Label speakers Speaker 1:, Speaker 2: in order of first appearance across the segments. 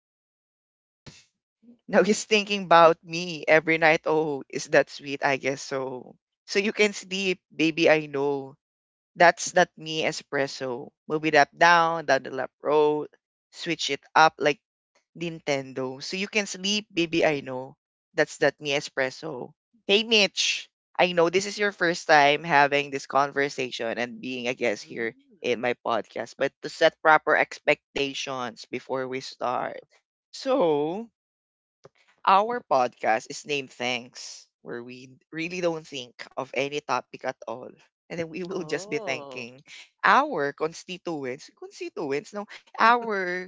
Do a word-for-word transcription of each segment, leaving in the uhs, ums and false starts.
Speaker 1: Yes. Now he's thinking about me every night. Oh, is that sweet? I guess so. So you can sleep, baby. I know. That's not me espresso. Move it up, down, down the left road. Switch it up like Nintendo. So you can sleep, baby. I know. That's that me espresso. Hey, Mitch. I know this is your first time having this conversation and being a guest here in
Speaker 2: Mm.
Speaker 1: my podcast, but to set proper expectations before we start. So, our podcast is named Thanks, where we really don't think of any topic at all. And then we will just be
Speaker 2: Oh.
Speaker 1: thanking our constituents, constituents, no, our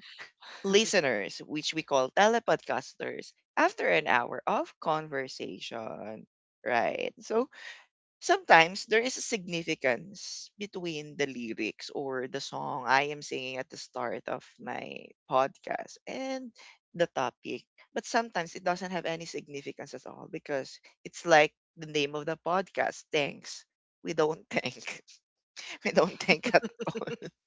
Speaker 1: listeners, which we call telepodcasters, after an hour of conversation. Right. So, sometimes there is a significance between the lyrics or the song I am singing at the start of my podcast and the topic. But sometimes it doesn't have any significance at all because it's like the name of the podcast, thanks. We don't think. We don't think at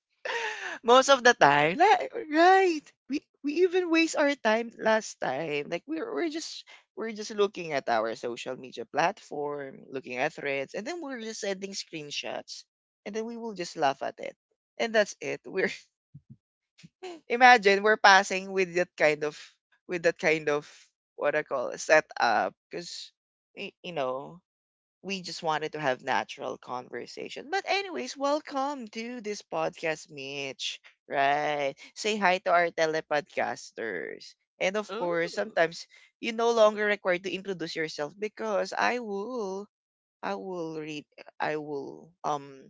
Speaker 1: most of the time, li- right? We we even waste our time last time. Like we're we're just we're just looking at our social media platform, looking at threads, and then we're just sending screenshots, and then we will just laugh at it, and that's it. We're imagine we're passing with that kind of with that kind of what I call setup, because you know we just wanted to have natural conversation. But anyways, welcome to this podcast, Mitch. Right? Say hi to our telepodcasters. And of
Speaker 2: Ooh.
Speaker 1: course, sometimes you no longer required to introduce yourself because I will I will read I will um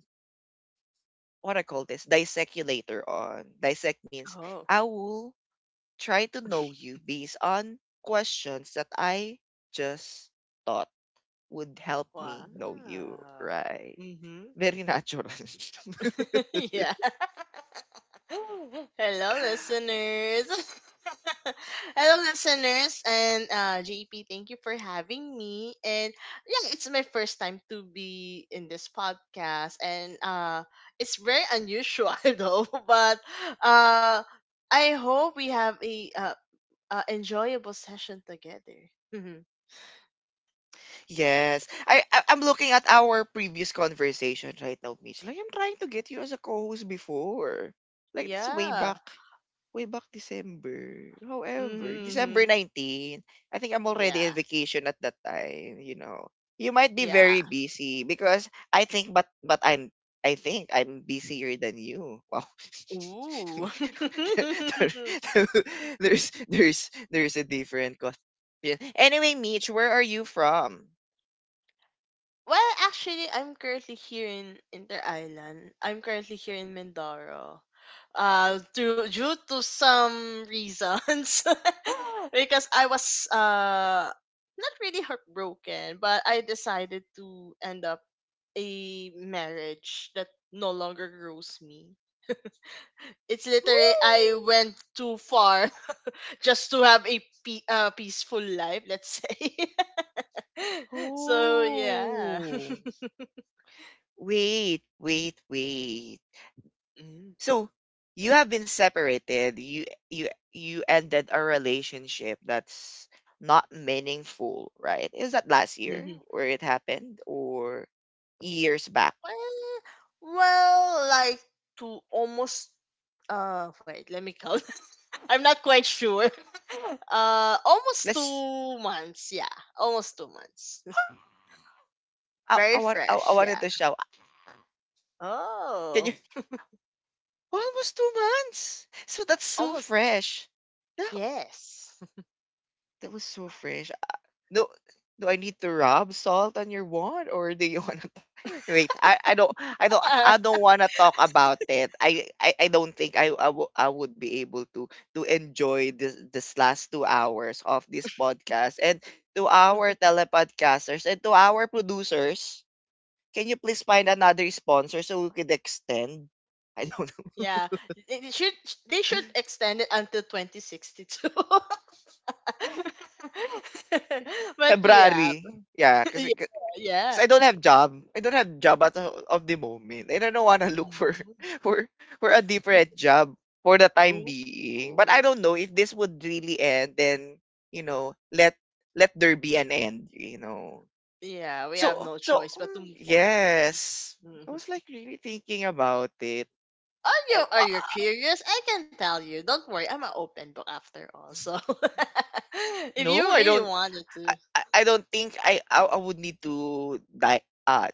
Speaker 1: what I call this dissect you later on. Dissect means
Speaker 2: Oh.
Speaker 1: I will try to know you based on questions that I just thought would help
Speaker 2: Wow.
Speaker 1: me know you, right?
Speaker 2: Mhm.
Speaker 1: Very natural.
Speaker 2: yeah. Hello, listeners. Hello, listeners, and uh, J P, thank you for having me. And yeah, it's my first time to be in this podcast, and uh, it's very unusual though. But uh, I hope we have a uh, uh, enjoyable session together. Hmm
Speaker 1: Yes. I, I I'm looking at our previous conversation right now, Mitch. Like I'm trying to get you as a co-host before. Like that's way
Speaker 2: Yeah.
Speaker 1: back. Way back December. However, December
Speaker 2: Mm-hmm.
Speaker 1: 19. I think I'm already
Speaker 2: Yeah.
Speaker 1: in vacation at that time, you know. You might be
Speaker 2: Yeah.
Speaker 1: very busy because I think but but I'm I think I'm busier than you. Wow.
Speaker 2: Ooh.
Speaker 1: there, there- there's there's there's a different question. Anyway, Mitch, where are you from?
Speaker 2: well, actually, I'm currently here in Inter Island. I'm currently here in Mindoro. Uh, due, due to some reasons, because I was uh not really heartbroken, but I decided to end up a marriage that no longer grows me. It's literally I
Speaker 1: Woo!
Speaker 2: went too far. Just to have a pe- uh, peaceful life, let's say. So yeah.
Speaker 1: Oh. Wait, wait, wait.
Speaker 2: Mm.
Speaker 1: So you have been separated. You you you ended a relationship that's not meaningful, right? Is that last year
Speaker 2: Mhm.
Speaker 1: where it happened or years back?
Speaker 2: Well, well, like to almost uh wait, let me count. I'm not quite sure. Uh almost
Speaker 1: Let's
Speaker 2: two months, yeah. Almost two months.
Speaker 1: I I,
Speaker 2: Very
Speaker 1: want, I, I
Speaker 2: fresh,
Speaker 1: wanted
Speaker 2: yeah.
Speaker 1: to shout. Can you
Speaker 2: Oh,
Speaker 1: almost two months? So that's so
Speaker 2: almost
Speaker 1: fresh. That
Speaker 2: yes.
Speaker 1: that was so fresh. No, do I need to rub salt on your wand, or do you wanna Wait, I I don't I don't I don't wanna talk about it. I I, I don't think I I wou- I would be able to to enjoy this this last two hours of this podcast and to our telepodcasters and to our producers. Can you please find another sponsor so we could extend? I don't know.
Speaker 2: Yeah, it it should they should extend it until twenty sixty-two. But yeah.
Speaker 1: February. Yeah, because
Speaker 2: Yeah.
Speaker 1: Because
Speaker 2: Yeah.
Speaker 1: I don't have job. I don't have job at the- of the moment. I don't want to look for,
Speaker 2: Mhm.
Speaker 1: for for a different job for the time
Speaker 2: Ooh.
Speaker 1: being. But
Speaker 2: Ooh.
Speaker 1: I don't know if this would really end. Then you know, let let there be an end. You know.
Speaker 2: Yeah, we have
Speaker 1: So
Speaker 2: no
Speaker 1: so
Speaker 2: choice but to
Speaker 1: mm,
Speaker 2: move forward.
Speaker 1: yes, I
Speaker 2: Mhm.
Speaker 1: was like really thinking about it.
Speaker 2: Are
Speaker 1: Eh,
Speaker 2: you are you
Speaker 1: uh,
Speaker 2: curious? I can tell you. Don't worry, I'm an open book after all. So, if you
Speaker 1: No, I
Speaker 2: really
Speaker 1: don't
Speaker 2: wanted
Speaker 1: I
Speaker 2: to
Speaker 1: I I don't think I I I would need to dive uh,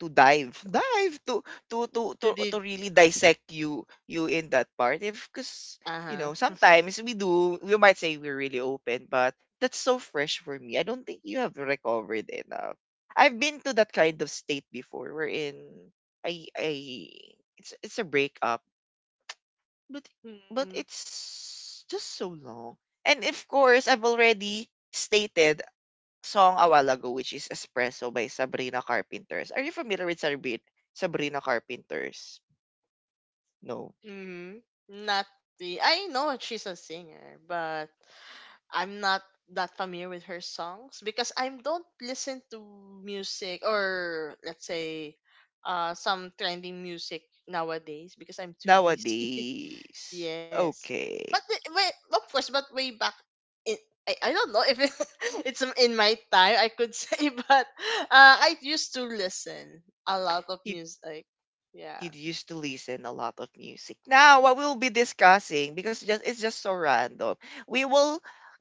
Speaker 1: to dive dive to to to to
Speaker 2: to do
Speaker 1: to really dissect you you in that part if because you
Speaker 2: uh-huh.
Speaker 1: know sometimes we do we might say we're really open but that's so fresh for me. I don't think you have recovered enough. I've been to that kind of state before wherein I I it's it's a breakup but but it's just so long and of course I've already stated song a while ago, which is Espresso by Sabrina Carpenters. Are you familiar with Sabrina Sabrina Carpenters? No.
Speaker 2: Mm-hmm. Not the, I know she's a singer, but I'm not that familiar with her songs because I don't listen to music, or let's say uh some trending music nowadays because I'm too busy.
Speaker 1: Nowadays.
Speaker 2: Yes. But
Speaker 1: Okay.
Speaker 2: the, way, of course, but way back it I, I don't know if it, it's in my time I could say, but uh I used to listen a lot of music. Yeah.
Speaker 1: You used to listen a lot of music. Now, what we'll be discussing because just it's just so random. We will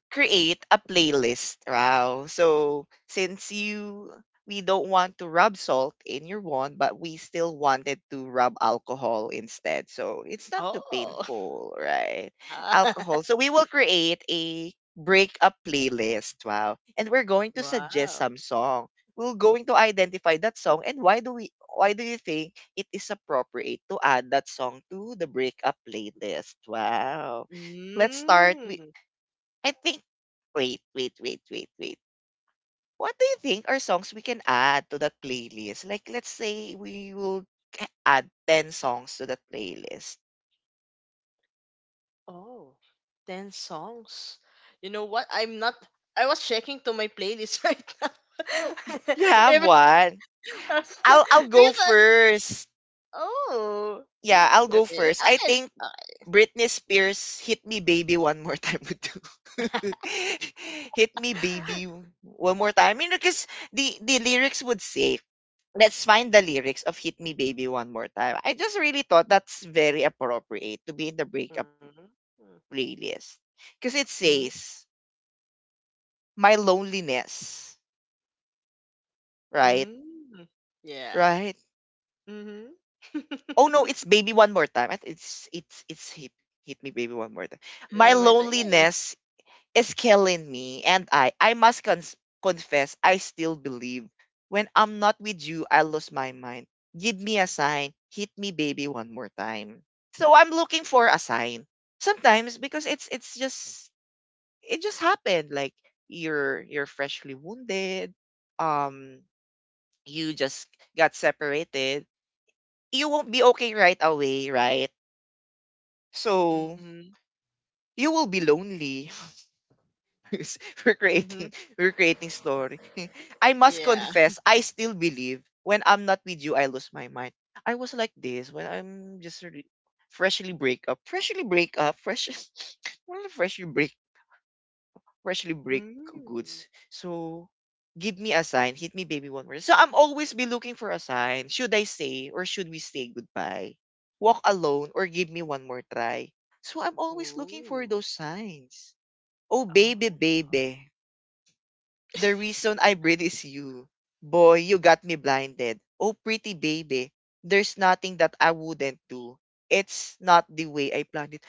Speaker 1: create a playlist, Rao. So since you we don't want to rub salt in your wound, but we still wanted to rub alcohol instead. So it's not too
Speaker 2: Oh.
Speaker 1: painful, right?
Speaker 2: Ah,
Speaker 1: Alcohol. So we will create a breakup playlist. Wow. And we're going to suggest
Speaker 2: wow.
Speaker 1: some song. We're going to identify that song and why do we why do you think it is appropriate to add that song to the breakup playlist. Wow. Let's start
Speaker 2: Mm.
Speaker 1: with I think wait, wait, wait, wait, wait. What do you think are songs we can add to that playlist? Like let's say we will ca- add ten songs to that playlist.
Speaker 2: Oh, ten songs. You know what? I'm not. I was checking to my playlist right now.
Speaker 1: You, you have
Speaker 2: If it's-
Speaker 1: one.
Speaker 2: There's an.
Speaker 1: I'll I'll go first.
Speaker 2: Oh.
Speaker 1: Yeah, I'll
Speaker 2: Okay.
Speaker 1: go first. I
Speaker 2: Okay.
Speaker 1: think
Speaker 2: Okay.
Speaker 1: Britney Spears hit me baby one more time would do. hit me baby one more time. I mean, because the the lyrics would say, let's find the lyrics of Hit Me Baby One More Time. I just really thought that's very appropriate to be in the breakup
Speaker 2: Mhm.
Speaker 1: playlist. Because it
Speaker 2: Mm,
Speaker 1: says, my loneliness. Right?
Speaker 2: mm. Yeah.
Speaker 1: Right?
Speaker 2: Mm-hmm.
Speaker 1: Oh no, it's baby one more time. I th- It's it's it's hit, hit me baby one more time.
Speaker 2: I
Speaker 1: My
Speaker 2: might think, yeah.
Speaker 1: loneliness is killing me. And I, I must cons- confess, I still believe when I'm not with you, I lose my mind. Give me a sign. Hit me, baby, one more time. So I'm looking for a sign sometimes because it's it's just it just happened. Like you're you're freshly wounded. Um, you just got separated. You won't be okay right away, right? So
Speaker 2: Mm-hmm.
Speaker 1: you will be lonely. we're
Speaker 2: Mm-hmm.
Speaker 1: creating we're creating story. I must
Speaker 2: Yeah.
Speaker 1: confess, I still believe when I'm not with you, I lose my mind. I was like this when I'm just re- freshly break up, freshly break up, fresh, well, freshly break, freshly break
Speaker 2: Mm.
Speaker 1: goods. So give me a sign, hit me, baby, one more. So I'm always be looking for a sign. Should I say or should we say goodbye? Walk alone or give me one more try. So I'm always looking
Speaker 2: Ooh.
Speaker 1: for those signs. Oh
Speaker 2: Oh.
Speaker 1: baby, baby. The reason I breathe is you. Boy, you got me blinded. Oh, pretty baby. There's nothing that I wouldn't do. It's not the way I planned it.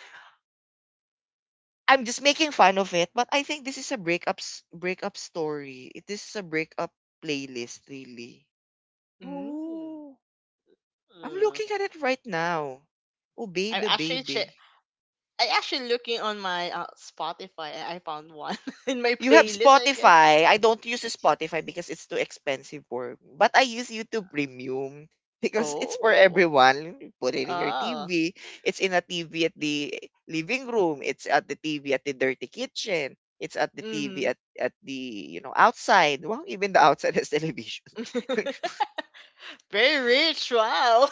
Speaker 1: I'm just making fun of it, but I think this is a breakup s- breakup story. It- This is a breakup playlist, really.
Speaker 2: Mm.
Speaker 1: Oh, I'm
Speaker 2: Mm.
Speaker 1: looking at it right now. Oh,
Speaker 2: I'm
Speaker 1: baby,
Speaker 2: actually che
Speaker 1: baby.
Speaker 2: I actually looking on my uh, Spotify and I found one in my
Speaker 1: You have
Speaker 2: playlist. I guess.
Speaker 1: Spotify. I don't use Spotify because it's too expensive for me. But I use YouTube Premium because it's for
Speaker 2: Oh,
Speaker 1: everyone. You Put it in your
Speaker 2: oh,
Speaker 1: T V. It's in a T V at the living room. It's at the T V at the dirty kitchen. It's at the
Speaker 2: mm-hmm.
Speaker 1: T V at, at the, you know, outside. Well, even the outside has television.
Speaker 2: Very rich. Wow.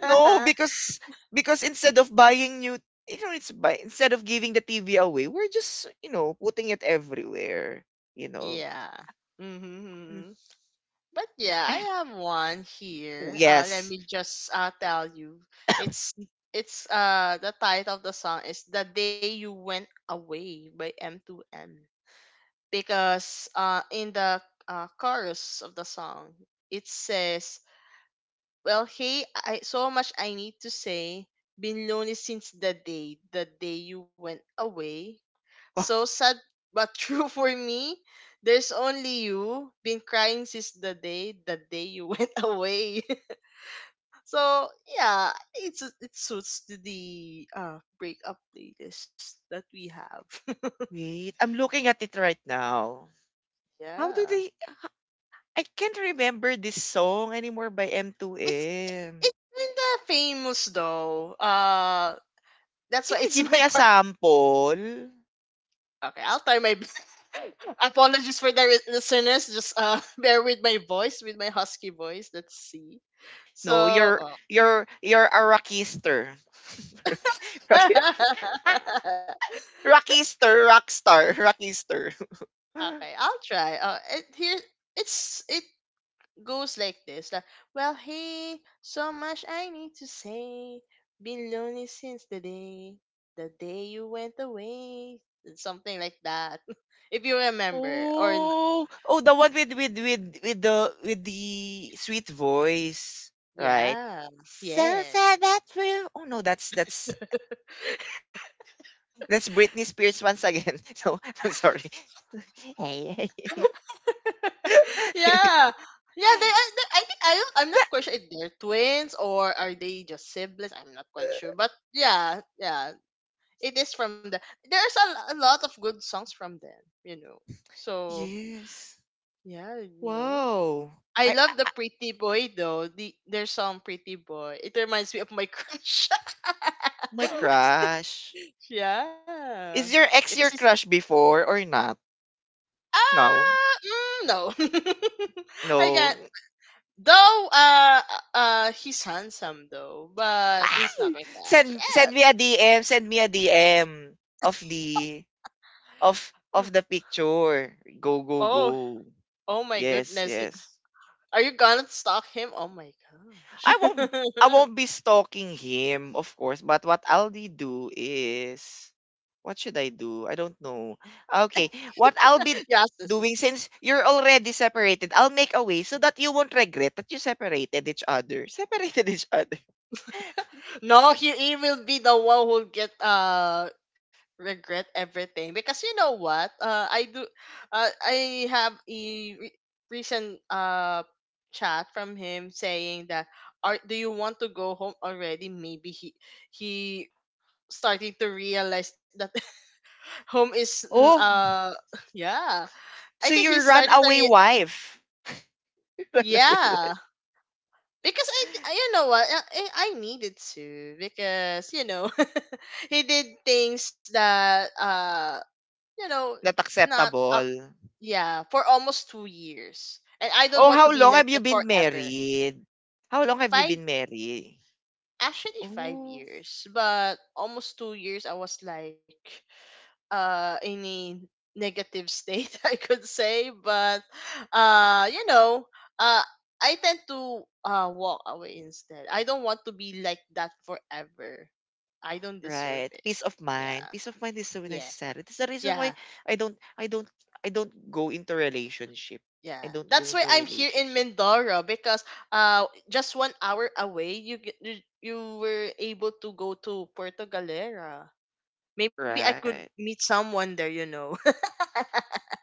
Speaker 1: no, because because instead of buying new you know, it's buy instead of giving the T V away, we're just, you know, putting it everywhere. You know.
Speaker 2: Yeah.
Speaker 1: Mm.
Speaker 2: Mm-hmm. But yeah, I
Speaker 1: I
Speaker 2: have one
Speaker 1: Oh,
Speaker 2: here. Uh, let
Speaker 1: yes.
Speaker 2: me just uh, tell you. It's it's uh the title of the song is "The Day You Went Away" by M two M. Because uh, in the uh, chorus of the song, it says, "Well, hey, I so much I need to say. Been lonely since the day, the day you went away.
Speaker 1: Oh,
Speaker 2: So sad but true for me. There's only you. Been crying since the day, the day you went away." So yeah, it's it suits to the uh breakup playlist that we have.
Speaker 1: wait. I'm looking at it right now. How do
Speaker 2: Yeah.
Speaker 1: they I can't remember this song anymore by
Speaker 2: It's
Speaker 1: M two M.
Speaker 2: it's kinda famous though. Uh that's
Speaker 1: Can
Speaker 2: why
Speaker 1: you
Speaker 2: it's
Speaker 1: give me
Speaker 2: my
Speaker 1: a
Speaker 2: part.
Speaker 1: sample?
Speaker 2: Okay, I'll try my best. Apologies for the re- listeners. Just uh bear with my voice, with my husky voice. Let's see. So
Speaker 1: No, you're
Speaker 2: oh.
Speaker 1: you're you're a rockister. Rocky,
Speaker 2: Okay,
Speaker 1: rockister, rockstar, rockister.
Speaker 2: I'll try. Uh, it, here it's it goes like this, like, well hey, so much I need to say, been lonely since the day, the day you went away, and something like that. If you remember or n-
Speaker 1: Oh, oh, the one with with with with the with the sweet voice, right?
Speaker 2: yeah
Speaker 1: So
Speaker 2: yes.
Speaker 1: sad that true. Oh no, that's that's That's Britney Spears once again. So I'm sorry. Hey.
Speaker 2: Yeah yeah, they, I, they, I think i don't i'm not quite sure if they're twins or are they just siblings, I'm not quite sure, but yeah yeah, it is from the, there's a, lo- a lot of good songs from them, you know, so
Speaker 1: yes.
Speaker 2: yeah, no.
Speaker 1: Wow.
Speaker 2: I
Speaker 1: I, I
Speaker 2: love the
Speaker 1: I-
Speaker 2: Pretty Boy though. The their song Pretty Boy. It reminds me of my crush.
Speaker 1: my crush.
Speaker 2: Yeah.
Speaker 1: Is your
Speaker 2: Because
Speaker 1: ex
Speaker 2: it's
Speaker 1: your crush before or not? No.
Speaker 2: ah mm, no. I got
Speaker 1: No.
Speaker 2: though uh uh he's handsome though, but
Speaker 1: Ah!
Speaker 2: he's not my
Speaker 1: Send
Speaker 2: crush.
Speaker 1: send me a D M. Send me a D M of the of
Speaker 2: Eh.
Speaker 1: of the picture. Go go
Speaker 2: Oh,
Speaker 1: go.
Speaker 2: oh my
Speaker 1: Yes,
Speaker 2: goodness.
Speaker 1: yes.
Speaker 2: Are you gonna stalk him? Oh my gosh.
Speaker 1: I won't I won't be stalking him, of course, but what I'll be do is what should I do? I don't know. Okay, what I'll be
Speaker 2: Yes.
Speaker 1: doing since you're already separated, I'll make a way so that you won't regret that you separated each other. Separated each other.
Speaker 2: No, he, he will be the one who get uh regret everything because you know what? Uh, I do. Uh, I have a re- recent uh chat from him saying that, are, do you want to go home already? Maybe he he starting to realize that home is mm,
Speaker 1: Oh,
Speaker 2: uh. Yeah. I
Speaker 1: so
Speaker 2: think he
Speaker 1: you're
Speaker 2: started to
Speaker 1: runaway
Speaker 2: re-
Speaker 1: wife. Runaway
Speaker 2: yeah.
Speaker 1: wife.
Speaker 2: Because I, I you know what, I, I I needed to because, you know, he did things that uh you know
Speaker 1: Not
Speaker 2: not up,
Speaker 1: acceptable.
Speaker 2: yeah, for almost two years, and I don't
Speaker 1: Oh,
Speaker 2: want to
Speaker 1: how
Speaker 2: be
Speaker 1: long
Speaker 2: like
Speaker 1: have you
Speaker 2: that
Speaker 1: been
Speaker 2: forever.
Speaker 1: married? How long have you
Speaker 2: five
Speaker 1: been married?
Speaker 2: actually five
Speaker 1: Oh.
Speaker 2: years but almost two years I was like uh any negative state I could say, but uh you know uh I tend to uh walk away instead. I don't want to be like that forever. I don't deserve
Speaker 1: Right.
Speaker 2: it.
Speaker 1: Peace of
Speaker 2: Yeah.
Speaker 1: mind. Peace of mind is so
Speaker 2: Yeah.
Speaker 1: necessary. That's the reason
Speaker 2: Yeah.
Speaker 1: why I don't I don't I don't go into relationship.
Speaker 2: Yeah.
Speaker 1: I don't go
Speaker 2: That's why
Speaker 1: into
Speaker 2: I'm here in
Speaker 1: relationship.
Speaker 2: Mindoro because uh just one hour away you get- you you were able to go to Puerto Galera. Maybe I could
Speaker 1: Right.
Speaker 2: meet someone there, you know.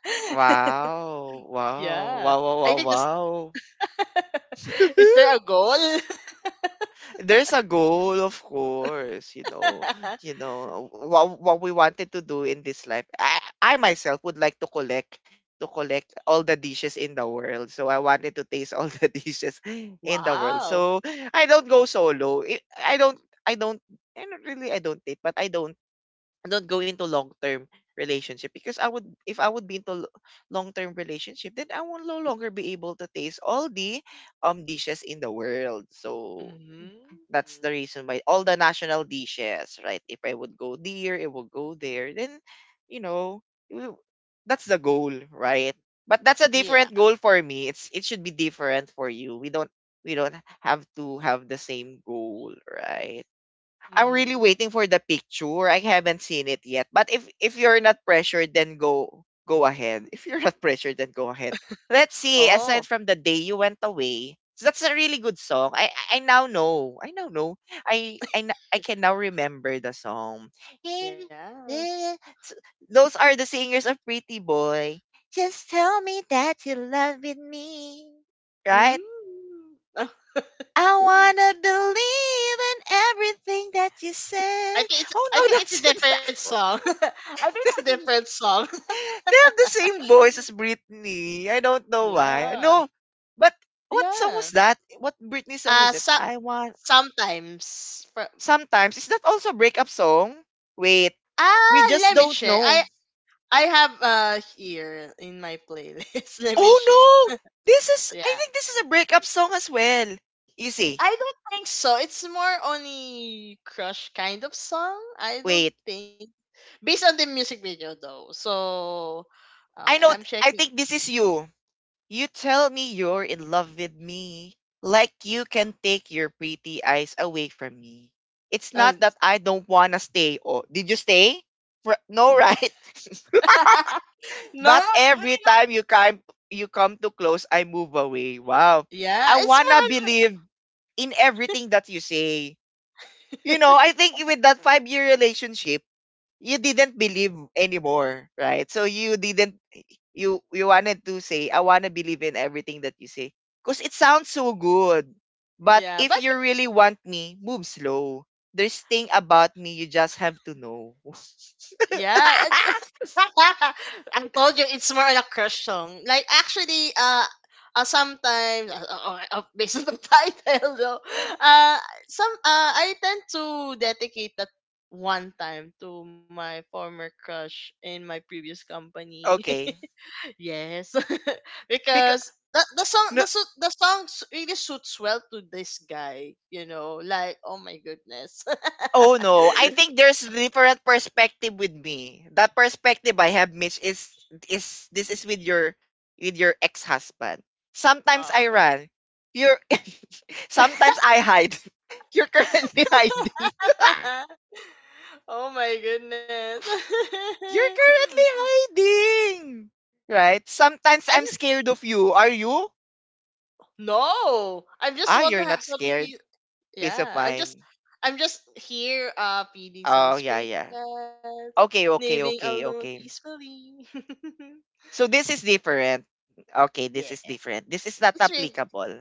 Speaker 1: Wow. Wow.
Speaker 2: Yeah.
Speaker 1: Wow. Wow.
Speaker 2: I think this
Speaker 1: Wow.
Speaker 2: is
Speaker 1: wow.
Speaker 2: there a goal?
Speaker 1: There's a goal, of course, you know, you know what what we wanted to do in this life. I, I myself would like to collect to collect all the dishes in the world. So I wanted to taste all the dishes in the world.
Speaker 2: Wow.
Speaker 1: So I don't go solo. I I don't I don't I don't really I don't date, but I don't I don't go into long term relationship because I would if I would be into long term relationship, then I will no longer be able to taste all the um dishes in the world. So
Speaker 2: hmm
Speaker 1: that's the reason why all the national dishes, right? If I would go there, it will go there. Then, you know, you- that's the goal, right? But that's a
Speaker 2: Yeah.
Speaker 1: different goal for me. It's it should be different for you. We don't we don't have to have the same goal, right? I'm really
Speaker 2: hmm
Speaker 1: waiting for the picture. I haven't seen it yet. But if if you're not pressured, then go go ahead. If you're not pressured, then go ahead. Let's see. Aside
Speaker 2: Oh,
Speaker 1: from the day you went away, so that's a really good song. I I I now know. I now know. I I n- I can now remember the song.
Speaker 2: yeah.
Speaker 1: S- Those are the singers of Pretty Boy. Just tell me that you love me.
Speaker 2: Mm.
Speaker 1: Right?
Speaker 2: I
Speaker 1: I wanna believe in everything that you say.
Speaker 2: think it's
Speaker 1: Oh
Speaker 2: I
Speaker 1: no,
Speaker 2: think it's a
Speaker 1: that's it.
Speaker 2: different song. I think it's a different
Speaker 1: that's,
Speaker 2: song.
Speaker 1: they have the same voice as Britney. I don't know why.
Speaker 2: Yeah.
Speaker 1: No, but what song
Speaker 2: Yeah.
Speaker 1: was that? What Britney song
Speaker 2: Uh
Speaker 1: was it?
Speaker 2: so,
Speaker 1: I want.
Speaker 2: sometimes fro-
Speaker 1: Sometimes is that also a breakup song? Wait, we
Speaker 2: Ah,
Speaker 1: just
Speaker 2: let me
Speaker 1: don't
Speaker 2: check.
Speaker 1: know.
Speaker 2: I I have uh here in my playlist. Let me check.
Speaker 1: Oh no, this is. I
Speaker 2: Yeah.
Speaker 1: think this is a breakup song as well. You see,
Speaker 2: I don't think so. It's more on a crush kind of song. I don't
Speaker 1: wait.
Speaker 2: think. Based on the music video though. So
Speaker 1: I know.
Speaker 2: okay, I'm
Speaker 1: I
Speaker 2: checking.
Speaker 1: think this is you. You tell me you're in love with me, like you can take your pretty eyes away from me. It's not
Speaker 2: Oh,
Speaker 1: that I don't wanna stay. Oh, did you stay? Fr- No, right?
Speaker 2: no, I
Speaker 1: But every
Speaker 2: don't.
Speaker 1: time you come, you come too close, I move away. Wow.
Speaker 2: Yeah,
Speaker 1: I
Speaker 2: it's
Speaker 1: wanna
Speaker 2: more on
Speaker 1: believe in everything that you say. You know, I think with that five-year relationship, you didn't believe anymore, right? So you didn't you you wanted to say I want to believe in everything that you say because it sounds so good. But
Speaker 2: yeah,
Speaker 1: if
Speaker 2: but
Speaker 1: you really want me, move slow. There's thing about me you just have to know.
Speaker 2: yeah. I told you it's more on a crush song. Like actually, uh, uh sometimes uh, uh, uh, based on the title though, uh, some uh, I tend to dedicate that one time to my former crush in my previous company.
Speaker 1: Okay.
Speaker 2: Yes,
Speaker 1: Because
Speaker 2: because The, the song
Speaker 1: no.
Speaker 2: the su- the song s- really suits well to this guy, you know. Like, oh my goodness.
Speaker 1: Oh no, I think there's different perspective with me. That perspective I have, Mitch, is is this is with your with your ex husband. Sometimes I
Speaker 2: Oh.
Speaker 1: run. You're sometimes I hide. You're currently hiding.
Speaker 2: Oh my goodness.
Speaker 1: You're currently hiding. Right? Sometimes
Speaker 2: I'm
Speaker 1: I'm scared of you. Are you?
Speaker 2: no. I'm just
Speaker 1: Ah,
Speaker 2: want to
Speaker 1: you're
Speaker 2: have
Speaker 1: not
Speaker 2: some
Speaker 1: scared.
Speaker 2: he-
Speaker 1: Peace of
Speaker 2: yeah. I'm just
Speaker 1: mind.
Speaker 2: I'm just here uh feeding some
Speaker 1: Oh yeah,
Speaker 2: stray
Speaker 1: yeah.
Speaker 2: cats,
Speaker 1: Okay,
Speaker 2: living
Speaker 1: okay, okay,
Speaker 2: alone
Speaker 1: okay.
Speaker 2: peacefully.
Speaker 1: So this is different. Okay, this
Speaker 2: Yeah.
Speaker 1: is different. This is not
Speaker 2: It's really
Speaker 1: applicable.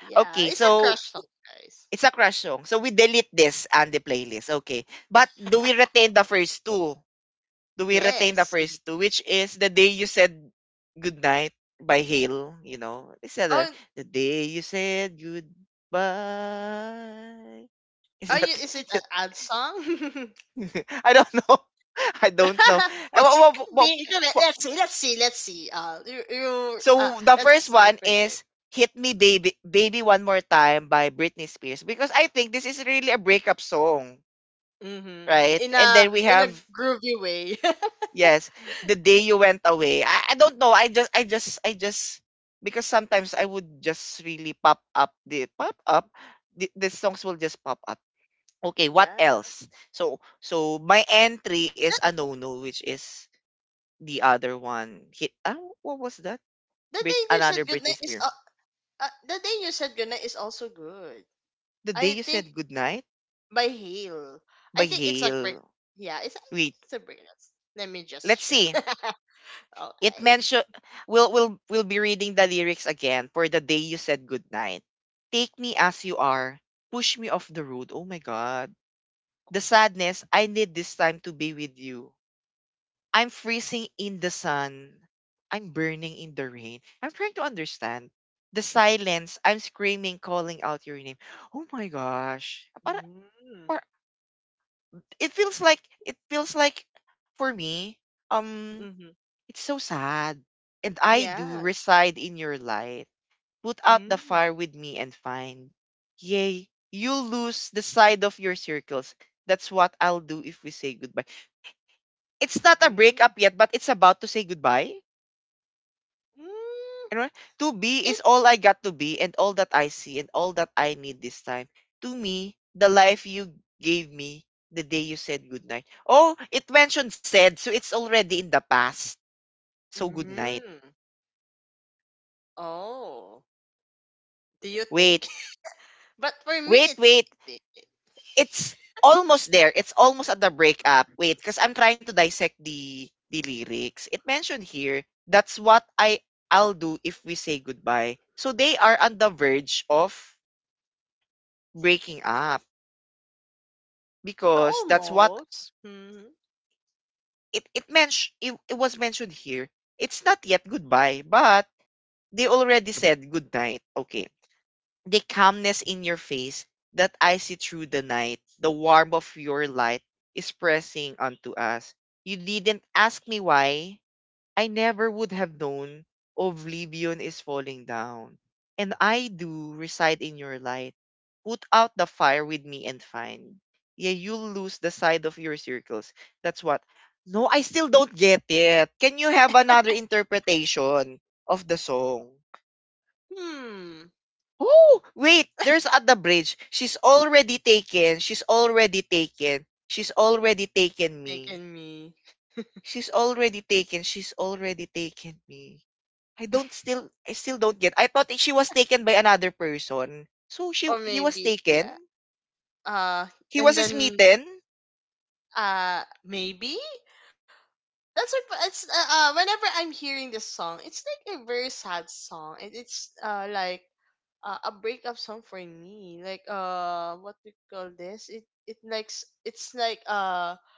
Speaker 2: yeah,
Speaker 1: Okay,
Speaker 2: it's a
Speaker 1: so
Speaker 2: crush song, guys.
Speaker 1: it's a crush song. So we delete this on the playlist. Okay. But do we retain the first two? Do we retain
Speaker 2: Yes.
Speaker 1: the
Speaker 2: It-
Speaker 1: first two, which is The Day You Said Goodnight by Hale, you know? Is that a,
Speaker 2: Oh,
Speaker 1: The Day You Said Goodbye? Is
Speaker 2: are you,
Speaker 1: that
Speaker 2: is it an ad song?
Speaker 1: I don't know. I don't know.
Speaker 2: But
Speaker 1: Eh,
Speaker 2: it
Speaker 1: wha-
Speaker 2: could
Speaker 1: wha-
Speaker 2: be. It could be.
Speaker 1: wha-
Speaker 2: Let's
Speaker 1: wha-
Speaker 2: see. Let's see. Let's see. Uh, you, you uh,
Speaker 1: So the first
Speaker 2: let's uh,
Speaker 1: one
Speaker 2: try it.
Speaker 1: is Hit Me Baby Baby One More Time by Britney Spears because I think this is really a breakup song,
Speaker 2: Mm-hmm.
Speaker 1: right?
Speaker 2: In
Speaker 1: And
Speaker 2: a
Speaker 1: then we
Speaker 2: in a
Speaker 1: have
Speaker 2: groovy way.
Speaker 1: yes, The Day You Went Away. I, I don't know. I just I just I just because sometimes I would just really pop up the pop up the, the songs will just pop up. Okay, what
Speaker 2: Yeah.
Speaker 1: else? So so my entry is a no-no which is the other one. Hit ah, what was that?
Speaker 2: The
Speaker 1: Brit,
Speaker 2: day you said
Speaker 1: another
Speaker 2: goodnight
Speaker 1: Britney
Speaker 2: is
Speaker 1: Spears.
Speaker 2: uh, uh, the day you said goodnight is also good.
Speaker 1: The day
Speaker 2: I
Speaker 1: you
Speaker 2: think
Speaker 1: said goodnight
Speaker 2: by Hale.
Speaker 1: by
Speaker 2: I think it's a break.
Speaker 1: Hale.
Speaker 2: Yeah, it's it's
Speaker 1: Wait,
Speaker 2: a break. Let's- Let me just
Speaker 1: let's
Speaker 2: check.
Speaker 1: see.
Speaker 2: All
Speaker 1: It
Speaker 2: right.
Speaker 1: mention we'll we'll we'll be reading the lyrics again for the day you said goodnight. Take me as you are, push me off the road. Oh my god. The sadness, I need this time to be with you. I'm freezing in the sun. I'm burning in the rain. I'm trying to understand. The silence, I'm screaming, calling out your name. Oh my gosh. Para,
Speaker 2: Mm-hmm.
Speaker 1: para, it feels like it feels like for me, um
Speaker 2: Mm-hmm.
Speaker 1: it's so sad. And I
Speaker 2: Yeah.
Speaker 1: do reside in your light. Put out the
Speaker 2: Mm-hmm.
Speaker 1: fire with me and find. Yea, you'll lose the side of your circles. That's what I'll do if we say goodbye. It's not a
Speaker 2: Mm-hmm.
Speaker 1: breakup yet, but it's about to say goodbye. You know, to be
Speaker 2: It.
Speaker 1: is all I got to be and all that I see and all that I need this time. To me, the life you gave me the day you said goodnight. Oh, it mentioned said, so it's already in the past. So goodnight.
Speaker 2: Mm-hmm. Oh. Do you
Speaker 1: Wait,
Speaker 2: think? But for me,
Speaker 1: Wait,
Speaker 2: it's
Speaker 1: wait,
Speaker 2: thick.
Speaker 1: it's almost there. It's almost at the breakup. Wait, because I'm trying to dissect the the lyrics. It mentioned here, that's what I I'll do if we say goodbye. So they are on the verge of breaking up
Speaker 2: So
Speaker 1: because that's what
Speaker 2: almost. Hmm.
Speaker 1: it it mentioned it, it was mentioned here. It's not yet goodbye, but they already said goodnight. Okay. The calmness in your face that I see through the night, the warmth of your light is pressing onto us. You didn't ask me why. I never would have known oblivion is falling down. And I do reside in your light. Put out the fire with me and find. Yeah, you'll lose the side of your circles. That's what. No, I still don't get it. Can you have another interpretation of the song?
Speaker 2: Hmm.
Speaker 1: Oh, wait, there's at the bridge. She's already taken. She's already taken. She's already taken me.
Speaker 2: Taken me.
Speaker 1: She's already taken. She's already taken me. I don't still I still don't get. I thought she was taken by another person. So she
Speaker 2: Or
Speaker 1: he was
Speaker 2: maybe, yeah.
Speaker 1: taken?
Speaker 2: Uh,
Speaker 1: He
Speaker 2: and
Speaker 1: was
Speaker 2: then,
Speaker 1: smitten?
Speaker 2: uh, maybe? That's what, it's, uh, uh, whenever I'm hearing this song, it's like a very sad song. It, it's, uh, like, uh, a breakup song for me. Like, uh, what do you call this? It, it likes, it's like, uh,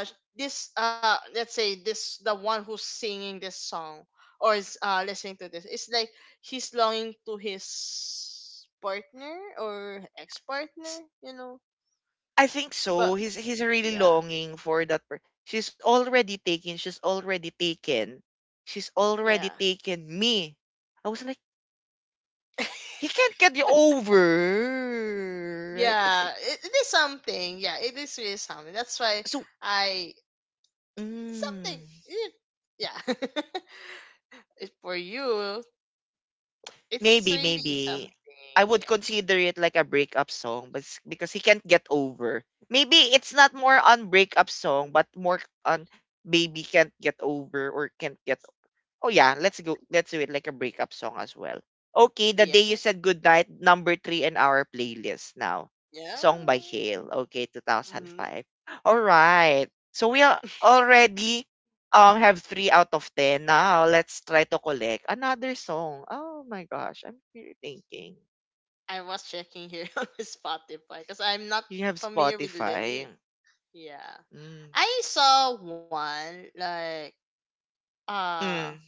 Speaker 2: uh this uh let's say this the one who's singing this song or is uh listening to this, it's like he's longing to his partner or
Speaker 1: S-
Speaker 2: ex-partner, you know,
Speaker 1: I think
Speaker 2: but
Speaker 1: so. He's he's really
Speaker 2: yeah
Speaker 1: longing for that per- She's already taken. She's already taken. She's
Speaker 2: yeah
Speaker 1: already taken me. I was like he can't get you over, right? It's
Speaker 2: yeah it, it is something, yeah, it is really something, that's why
Speaker 1: so
Speaker 2: i something
Speaker 1: mm,
Speaker 2: eh, yeah it, for you it's
Speaker 1: maybe,
Speaker 2: really
Speaker 1: maybe
Speaker 2: something,
Speaker 1: I would
Speaker 2: yeah
Speaker 1: consider it like a breakup song, but s- because he can't get over, maybe it's not more on breakup song, but more on baby can't get over or can't get. Oh yeah, let's go. Let's do it like a breakup song as well. Okay, the
Speaker 2: yeah
Speaker 1: day you said goodnight, number three in our playlist now. Song by
Speaker 2: yeah.
Speaker 1: Hale. Okay,
Speaker 2: Mm-hmm.
Speaker 1: two thousand five. All right. So we are already um have three out of ten. Now let's try to collect another song. Oh my gosh, I'm really thinking.
Speaker 2: I was checking here on Spotify because I'm not
Speaker 1: You have
Speaker 2: familiar with Lily.
Speaker 1: Spotify.
Speaker 2: Yeah.
Speaker 1: Mm.
Speaker 2: I saw one like uh
Speaker 1: Mm,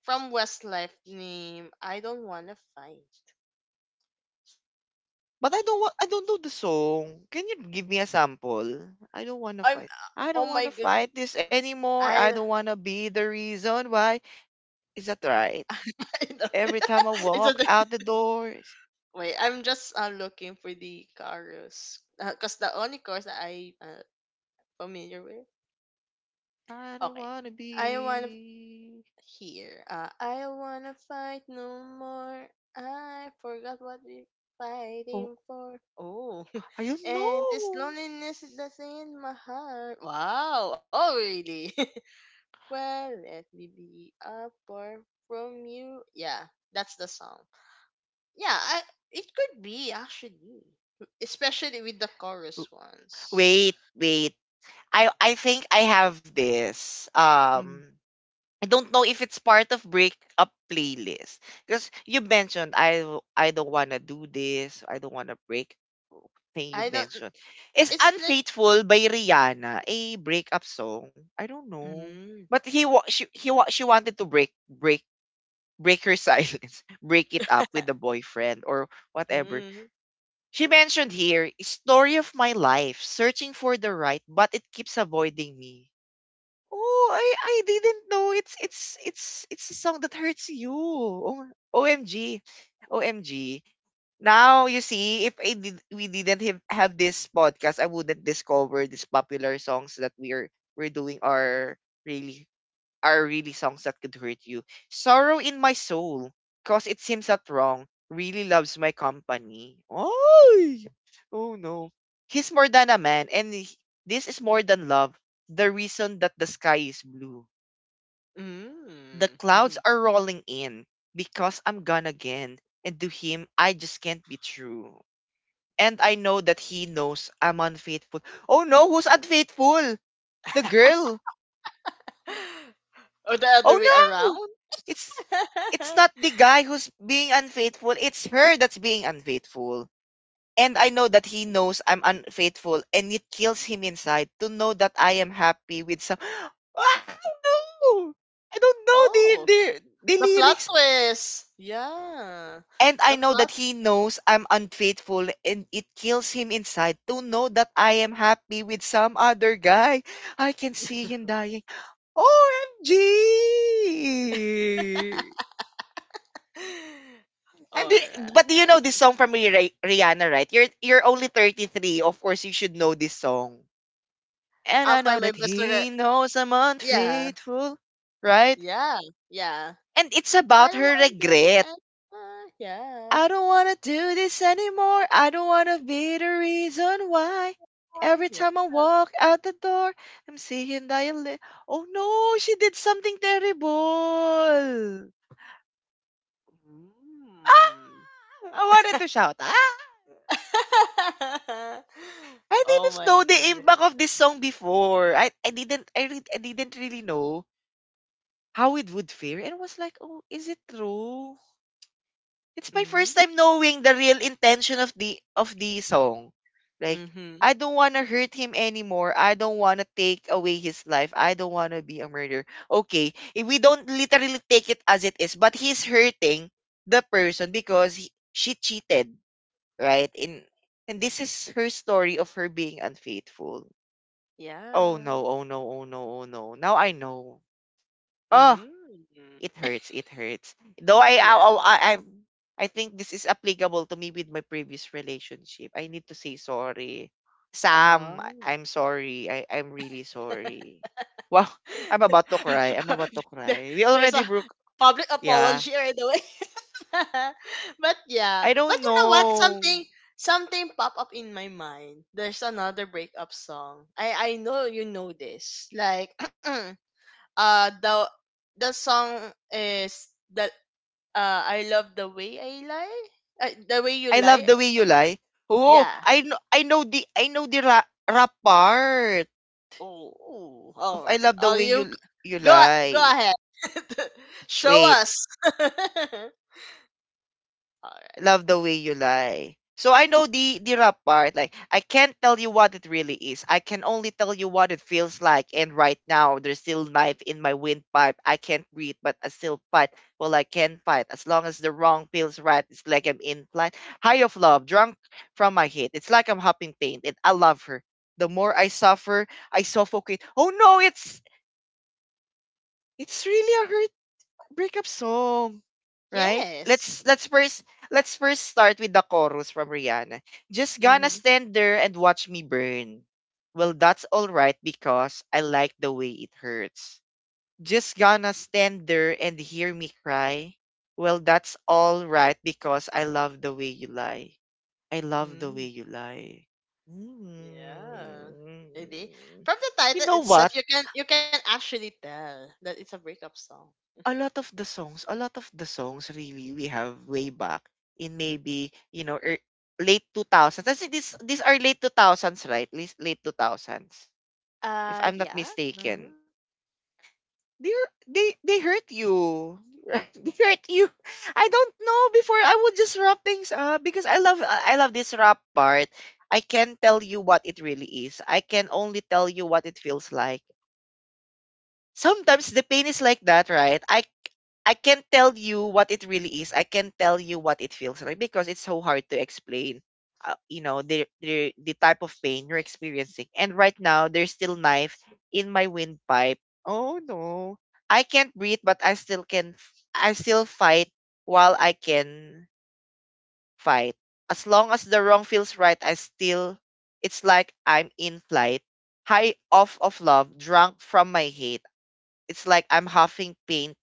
Speaker 2: from Westlife name I don't wanna fight.
Speaker 1: but I don't want. I don't know the song. Can you give me a sample? I don't wanna
Speaker 2: I'm
Speaker 1: fight.
Speaker 2: uh,
Speaker 1: I
Speaker 2: oh
Speaker 1: don't
Speaker 2: my
Speaker 1: wanna
Speaker 2: god,
Speaker 1: fight this anymore. I
Speaker 2: I,
Speaker 1: don't wanna be the reason why. Is that right?
Speaker 2: I know.
Speaker 1: Every time I
Speaker 2: It's a
Speaker 1: walk out the door, it's,
Speaker 2: wait, I'm just uh, looking for the chorus because the only chorus that I uh, familiar with
Speaker 1: I don't
Speaker 2: okay,
Speaker 1: wanna
Speaker 2: I want
Speaker 1: be.
Speaker 2: here. Uh, I don't wanna fight no more. I forgot what we
Speaker 1: Oh,
Speaker 2: fighting for. Oh,
Speaker 1: I don't
Speaker 2: and this
Speaker 1: know.
Speaker 2: loneliness that's in my heart. Wow. Oh, really? Well, let me be apart from you. Yeah, that's the song. Yeah, I, it could be actually, especially with the chorus ones.
Speaker 1: Wait, wait. I I think I have this.
Speaker 2: Mm.
Speaker 1: Um, I don't know if it's part of breakup playlist because you mentioned I w- I don't wanna do this, I don't wanna break up thing you
Speaker 2: I don't.
Speaker 1: mentioned is
Speaker 2: It's like.
Speaker 1: "Unfaithful" by Rihanna, a breakup song. I don't know,
Speaker 2: Mm.
Speaker 1: but he wa- she he wa- she wanted to break break break her silence, break it up with the boyfriend or whatever.
Speaker 2: Mm.
Speaker 1: She mentioned here "Story of My Life," searching for the right, but it keeps avoiding me. Oh, I I didn't know it's it's it's it's a song that hurts you. Oh, O M G. O M G. Now you see, if I did, we didn't have, have this podcast, I wouldn't discover these popular songs that we're we're doing are really are really songs that could hurt you. Sorrow in My Soul, cause it seems that wrong, really loves my company. Oh, oh no. He's more than a man, and he- this is more than love, the reason that the sky is blue. The
Speaker 2: Mm.
Speaker 1: clouds are rolling in, because I'm gone again, and to him, I just can't be true. And I know that he knows I'm unfaithful. Oh no, who's unfaithful? The girl.
Speaker 2: Or the other
Speaker 1: Oh
Speaker 2: way
Speaker 1: no!
Speaker 2: around?
Speaker 1: It's it's not the guy who's being unfaithful. It's her that's being unfaithful. And I know that he knows I'm unfaithful and it kills him inside to know that I am happy with some ah, no! I don't know the
Speaker 2: Oh,
Speaker 1: the the
Speaker 2: the plot
Speaker 1: lyrics.
Speaker 2: twist. Yeah,
Speaker 1: And I
Speaker 2: the
Speaker 1: know that
Speaker 2: plot.
Speaker 1: he knows I'm unfaithful and it kills him inside to know that I am happy with some other guy. I can see him dying. O M G! I
Speaker 2: All
Speaker 1: mean, but do you know
Speaker 2: right.
Speaker 1: this song from Rih- Rihanna, right? You're you're only thirty-three. Of course, you should know this song. And I
Speaker 2: I'll
Speaker 1: know
Speaker 2: try
Speaker 1: that
Speaker 2: my best to.
Speaker 1: he
Speaker 2: Re-
Speaker 1: knows I'm
Speaker 2: Yeah,
Speaker 1: unfaithful, right?
Speaker 2: yeah, yeah.
Speaker 1: And it's about
Speaker 2: I don't
Speaker 1: her
Speaker 2: want to do this
Speaker 1: regret.
Speaker 2: anymore. Yeah.
Speaker 1: I don't wanna do this anymore. I don't wanna be the reason why. Every
Speaker 2: Why? Yeah.
Speaker 1: time I walk out the door, I'm seeing that you li- Oh no, she did something terrible. Ah!
Speaker 2: Mm.
Speaker 1: I wanted to shout. Ah! I
Speaker 2: Oh
Speaker 1: didn't
Speaker 2: my
Speaker 1: know the impact
Speaker 2: goodness.
Speaker 1: of this song before. I, I didn't I, re- I didn't really know how it would fare and was like, "Oh, is it true?" It's my first
Speaker 2: Mm.
Speaker 1: time knowing the real intention of the of the song. Like, I
Speaker 2: Mhm.
Speaker 1: don't want to hurt him anymore. I don't want to take away his life. I don't want to be a murderer. Okay, if we don't literally take it as it is, but he's hurting the person because he, she cheated, right? In and this is her story of her being unfaithful. Oh no,
Speaker 2: Yeah.
Speaker 1: oh no, oh no, oh no. Now I know. Oh,
Speaker 2: Mm.
Speaker 1: it hurts, it hurts. Though I I
Speaker 2: Yeah.
Speaker 1: I I, I think this is applicable to me with my previous relationship. I need to say sorry. Sam, I- I'm
Speaker 2: Oh.
Speaker 1: sorry. I I'm really sorry. Wow, I'm about to cry. I'm about to
Speaker 2: There,
Speaker 1: cry. We
Speaker 2: there's a
Speaker 1: already broke.
Speaker 2: public
Speaker 1: Yeah.
Speaker 2: apology right away. But
Speaker 1: I
Speaker 2: yeah,
Speaker 1: don't
Speaker 2: but you know what?
Speaker 1: know.
Speaker 2: Something, something pop up in my mind. There's another breakup song. I I know you know this. Like uh the the song is that uh I love the way I lie. Uh, the way
Speaker 1: I
Speaker 2: you
Speaker 1: love the
Speaker 2: lie.
Speaker 1: way you
Speaker 2: So,
Speaker 1: lie. Oh, I
Speaker 2: yeah.
Speaker 1: know I know the I know the rap, rap part
Speaker 2: Oh, oh,
Speaker 1: of I
Speaker 2: oh,
Speaker 1: love the
Speaker 2: oh,
Speaker 1: way
Speaker 2: you g-
Speaker 1: you you
Speaker 2: go
Speaker 1: lie.
Speaker 2: go ahead. Show
Speaker 1: Wait.
Speaker 2: us. All right.
Speaker 1: Love the way you lie. So I know the the rap part. Like I can't tell you what it really is. I can only tell you what it feels like. And right now, there's still knife in my windpipe. I can't breathe, but I still fight. Well, I can fight as long as the wrong feels right. It's like I'm in flight, high of love, drunk from my head. It's like I'm hopping pain, and I love her. The more I suffer, I suffocate. Oh no, it's it's really a breakup song, right?
Speaker 2: Yes.
Speaker 1: Let's let's first let's first start with the chorus from Rihanna. Just gonna
Speaker 2: Mm-hmm.
Speaker 1: stand there and watch me burn. Well, that's all right because I like the way it hurts. Just gonna stand there and hear me cry. Well, that's all right because I love the way you lie. I love the
Speaker 2: hmm
Speaker 1: way you lie.
Speaker 2: Yeah. Maybe
Speaker 1: Mm.
Speaker 2: from the
Speaker 1: You
Speaker 2: title
Speaker 1: know what?
Speaker 2: itself, you can you can actually tell that it's a breakup song.
Speaker 1: A lot of the songs, a lot of the songs really we have way back in maybe, you know, er, late two thousands. I think this these are late two thousands, right? Late, late two thousands, if
Speaker 2: Uh,
Speaker 1: I'm not
Speaker 2: yeah. Mm-hmm.
Speaker 1: mistaken. They are- they they hurt you. Right? They hurt you. I don't know before I would just wrap things up because I love I love this rap part. I can't tell you what it really is. I can only tell you what it feels like. Sometimes the pain is like that, right? I I can't tell you what it really is. I can't tell you what it feels like because it's so hard to explain. Uh, you know the, the the type of pain you're experiencing, and right now there's still knife in my windpipe. Oh no, I can't breathe, but I still can. f- I still fight while I can fight. As long as the wrong feels right, I still. It's like I'm in flight, high off of love, drunk from my hate. It's like I'm huffing paint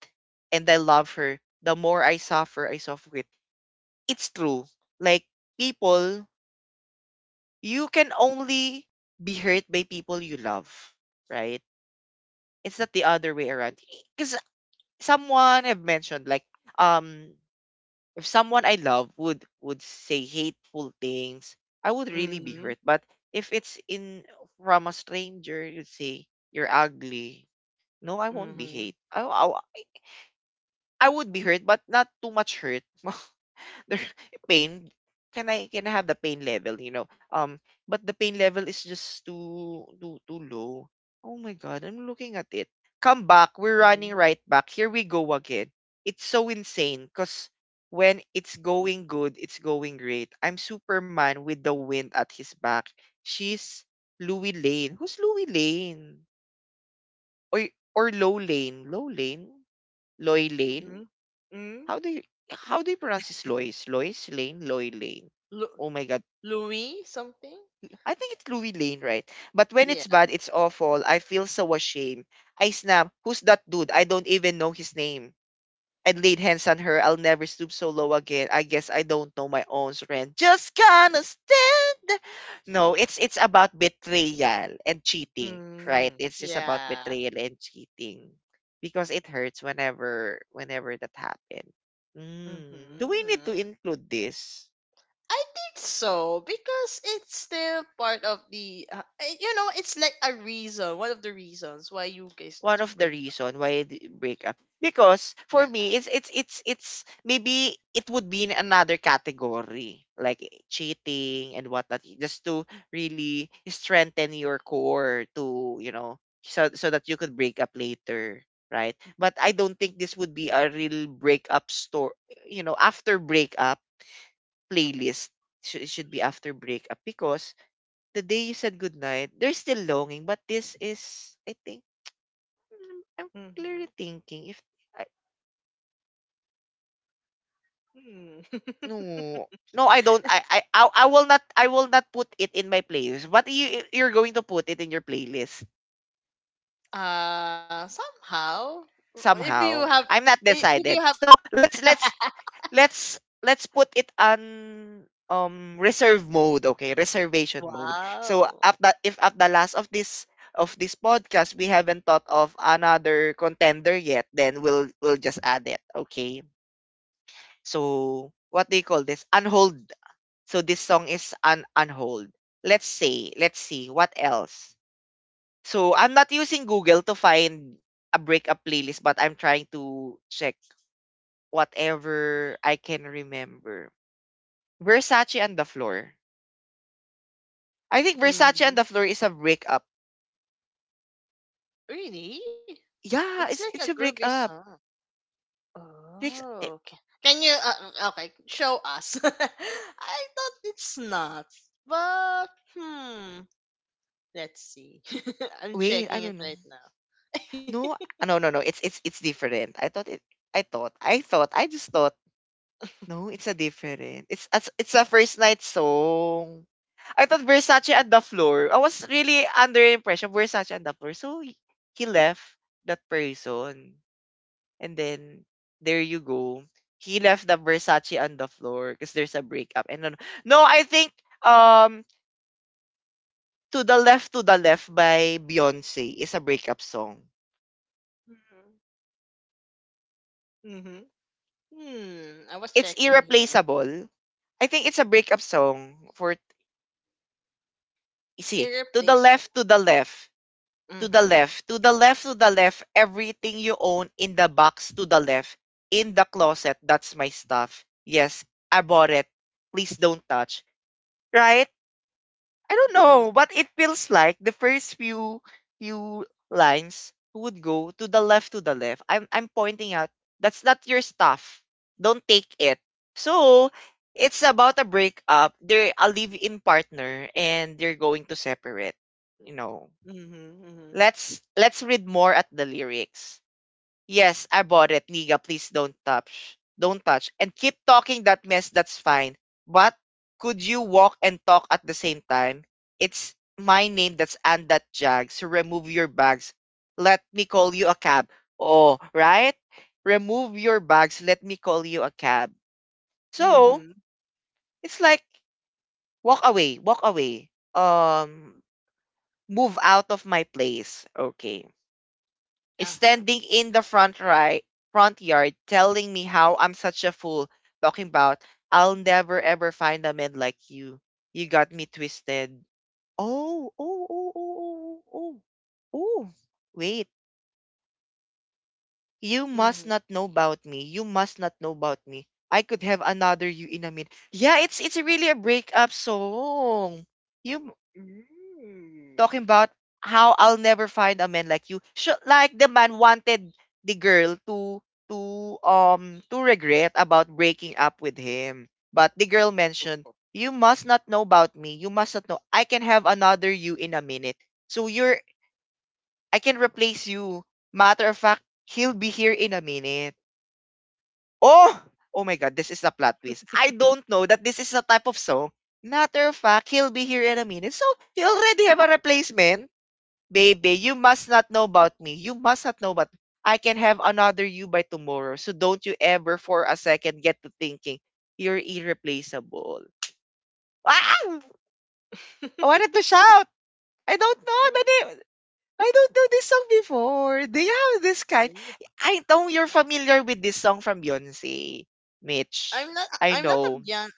Speaker 1: and I love her. The more I suffer, I suffocate. It's true. Like people, you can only be hurt by people you love, right? It's not the other way around. Because someone I've mentioned, like, um, if someone I love would would say hateful things, I would really be hurt. But if it's in from a stranger, you'd say you're ugly. No, I won't
Speaker 2: Mm-hmm.
Speaker 1: be hate. I, I I would be hurt, but not too much hurt. There- pain. Can I can I have the pain level? You know, um, but the pain level is just too too too low. Oh my god, I'm looking at it. Come back, we're
Speaker 2: Mm-hmm.
Speaker 1: running right back. Here we go again. It's so insane, cause when it's going good, it's going great. I'm Superman with the wind at his back. She's Louis Lane. Who's Louis Lane? Or or Low Lane? Low Lane? Loy Lane?
Speaker 2: Mm-hmm. Mm-hmm.
Speaker 1: How do you how do you pronounce this Lois? Lois Lane? Loy Lane.
Speaker 2: Lu-
Speaker 1: Oh my god.
Speaker 2: Louis something.
Speaker 1: I think it's Louis Lane, right? But when it's
Speaker 2: Yeah.
Speaker 1: bad, it's awful. I feel so ashamed. I snap, who's that dude? I don't even know his name and laid hands on her. I'll never stoop so low again. I guess I don't know my own strength. Just gonna stand. No, it's it's about betrayal and cheating, right?
Speaker 2: Mm.
Speaker 1: It's just about
Speaker 2: Yeah.
Speaker 1: betrayal and cheating because it hurts whenever whenever that happens. Mm. Do we need
Speaker 2: Mm-hmm.
Speaker 1: to include this?
Speaker 2: I think so because it's still part of the uh, eh, you know it's like a reason, one of the reasons why you guys
Speaker 1: One of
Speaker 2: break,
Speaker 1: the reason why I d- break up. Because
Speaker 2: yeah.
Speaker 1: for me, it's it's it's it's maybe it would be in another category like cheating and whatnot, just to really strengthen your core to you know so so that you could break up later, right? But I don't think this would be a real breakup store, you know, after breakup playlist. Should should be after breakup because the day you said goodnight, they're still longing. But this is, I think. Mm, I'm
Speaker 2: Mm-hmm.
Speaker 1: clearly thinking if I. no no I don't I I I I will not I will not put it in my playlist. But you you're going to put it in your playlist
Speaker 2: Uh, somehow. if you
Speaker 1: somehow.
Speaker 2: have
Speaker 1: I'm not
Speaker 2: if if you
Speaker 1: decided.
Speaker 2: have
Speaker 1: So let's let's let's let's put it on um reserve mode, okay? Reservation mode. So
Speaker 2: wow.
Speaker 1: at the, if at the last of this of this podcast we haven't thought of another contender yet, then we'll we'll just add it, okay? So what do you call this? Unhold. So this song is on on hold. Let's say, let's see what else. So I'm not using Google to find a breakup playlist, but I'm trying to check whatever I can remember. Versace and the floor. I think Versace
Speaker 2: Mm-hmm.
Speaker 1: and the floor is a breakup.
Speaker 2: Really? It's
Speaker 1: Yeah,
Speaker 2: like
Speaker 1: it's
Speaker 2: a
Speaker 1: it's a
Speaker 2: groovy
Speaker 1: breakup.
Speaker 2: song.
Speaker 1: Breaks, eh,
Speaker 2: Oh, okay. Can you uh, okay, show us? I thought it's not, but hmm. Let's see. I'm
Speaker 1: wait, I
Speaker 2: checking it
Speaker 1: don't know.
Speaker 2: right now.
Speaker 1: No, ah, no, no, no. It's it's it's different. I thought it. I thought. I thought. I just thought. No, it's a different. It's as it's a first night song. I thought Versace and the floor. I was really under the impression Versace and the floor. So he, he left that person, and then there you go. He left the Versace on the floor because there's a breakup. And then, no, I think um to the left, to the left by Beyonce is a breakup song.
Speaker 2: Mhm. Mm-hmm. Hmm. I was
Speaker 1: It's
Speaker 2: checking here.
Speaker 1: irreplaceable. I think it's a breakup song for see to the left,
Speaker 2: Irreplaceable.
Speaker 1: to the left. To the
Speaker 2: Mm-hmm.
Speaker 1: left, to the left, to the left, everything you own in the box to the left, in the closet, that's my stuff. Yes, I bought it. Please don't touch. Right? I don't
Speaker 2: Mm-hmm.
Speaker 1: know, but it feels like the first few few lines would go to the left, to the left. I'm I'm pointing out that's not your stuff. Don't take it. So it's about a breakup. They're a live-in partner and they're going to separate. You know,
Speaker 2: Mm-hmm.
Speaker 1: let's let's read more at the lyrics. Yes, I bought it, Niga. Please don't touch. Don't touch. And keep talking that mess, that's fine. But could you walk and talk at the same time? It's my name that's and that jag. So remove your bags. Let me call you a cab. Oh, right? Remove your bags. Let me call you a cab. So
Speaker 2: Mm-hmm.
Speaker 1: it's like walk away, walk away. Um move out of my place. Okay.
Speaker 2: Uh-huh.
Speaker 1: Standing in the front right front yard telling me how I'm such a fool talking about I'll never ever find a man like you. You got me twisted. Oh, oh, oh, oh, oh, oh, oh. Oh. Wait. You
Speaker 2: Mm-hmm.
Speaker 1: must not know about me. You must not know about me. I could have another you in a minute. Yeah, it's it's really a breakup song. You
Speaker 2: Mm.
Speaker 1: talking about how I'll never find a man like you. Sh- like the man wanted the girl to to um to regret about breaking up with him. But the girl
Speaker 2: Ooh.
Speaker 1: mentioned, "You must not know about me. You must not know. I can have another you in a minute. So you're I can replace you. Matter of fact, he'll be here in a minute." Oh, oh my god, this is a plot twist. I don't know that this is a type of song. Matter of fact, he'll be here in a minute. So, he already have a replacement. Baby, you must not know about me. You must not know about. I can have another you by tomorrow. So don't you ever for a second get to thinking you're irreplaceable. Ah! I wanted to shout. I don't know the name. I don't know this song before. Do you have this kind?
Speaker 2: Ooh.
Speaker 1: I know you're familiar with this song from Beyonce,
Speaker 2: I'm
Speaker 1: Mitch.
Speaker 2: not
Speaker 1: I
Speaker 2: I'm not a
Speaker 1: know.
Speaker 2: Beyonce,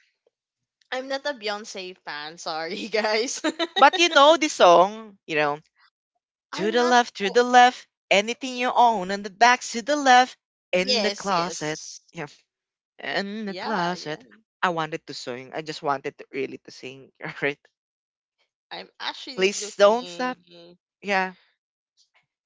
Speaker 2: I'm not a Beyonce fan, sorry guys.
Speaker 1: But you know this song, you know, to
Speaker 2: I'm
Speaker 1: the
Speaker 2: not
Speaker 1: left, to
Speaker 2: qu-
Speaker 1: the left, anything you own, and the back to the left, in the
Speaker 2: yes,
Speaker 1: closet.
Speaker 2: yes.
Speaker 1: In the
Speaker 2: Yeah, yeah.
Speaker 1: closet. I wanted to sing. I just wanted to really to sing, right?
Speaker 2: I'm actually
Speaker 1: Please don't stop.
Speaker 2: looking.
Speaker 1: Yeah.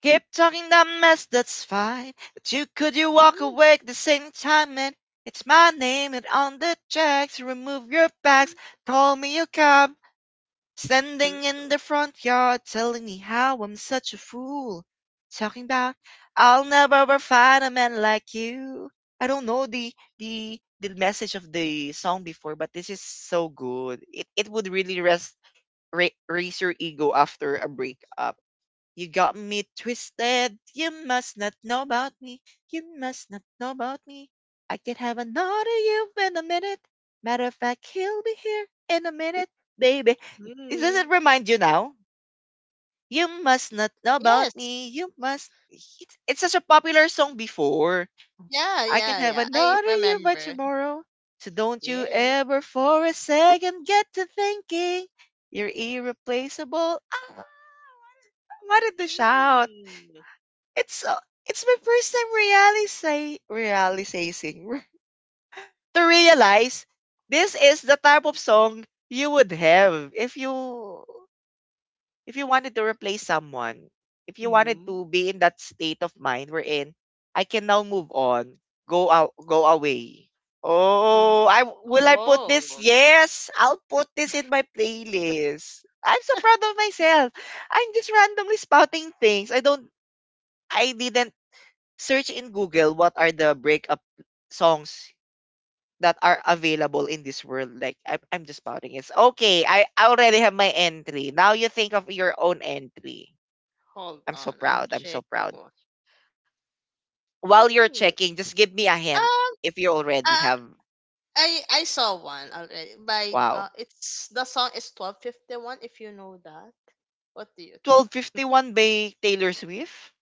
Speaker 1: Keep talking that mess, that's fine. But you could you walk
Speaker 2: Mm.
Speaker 1: away at the same time and it's my name and on the checks. Remove your
Speaker 2: Mm,
Speaker 1: bags. Call me a cab. Standing in
Speaker 2: mm.
Speaker 1: the front yard, telling me how I'm such a fool. Talking about I'll never ever find a man like you. I don't know the the the message of the song before, but this is so good. It it would really res ra- raise your ego after a breakup. You got me twisted. You must not know about me. You must not know about me. I could have another you in a minute. Matter of fact, he'll be here in a minute, baby. It doesn't
Speaker 2: Mm.
Speaker 1: remind you now. You must
Speaker 2: Y-
Speaker 1: not know about
Speaker 2: Yes.
Speaker 1: me. You must. It's, it's such a popular song before.
Speaker 2: Yeah,
Speaker 1: I
Speaker 2: yeah,
Speaker 1: can
Speaker 2: yeah.
Speaker 1: have
Speaker 2: I
Speaker 1: another you by
Speaker 2: remember.
Speaker 1: tomorrow. So don't you
Speaker 2: Yes.
Speaker 1: ever for a second get to thinking you're irreplaceable. Ah, I wanted to shout.
Speaker 2: Mm.
Speaker 1: It's so. It's my first time realizing realizing to realize this is the type of song you would have if you if you wanted to replace someone, if you wanted
Speaker 2: Mm.
Speaker 1: to be in that state of mind we in, I can now move on, go out, go away. Oh,
Speaker 2: Mhm.
Speaker 1: I will I put this?
Speaker 2: Oh,
Speaker 1: Yes, I'll put this in my playlist. I'm so proud of myself. I'm just randomly spouting things. I don't — I didn't search in Google what are the breakup songs that are available in this world. Like I'm, I'm just spouting it. Okay, I I already have my entry. Now you think of your own entry.
Speaker 2: hold
Speaker 1: I'm so
Speaker 2: on. I'm
Speaker 1: proud. I'm so
Speaker 2: checking.
Speaker 1: proud.
Speaker 2: what-
Speaker 1: While you're
Speaker 2: Mm.
Speaker 1: checking, just give me a hint
Speaker 2: Um,
Speaker 1: if you already
Speaker 2: uh,
Speaker 1: have.
Speaker 2: I I saw one already. By
Speaker 1: Wow.
Speaker 2: uh, it's, the song is twelve fifty one. If you know that, what do you think?
Speaker 1: twelve fifty one by Taylor Swift?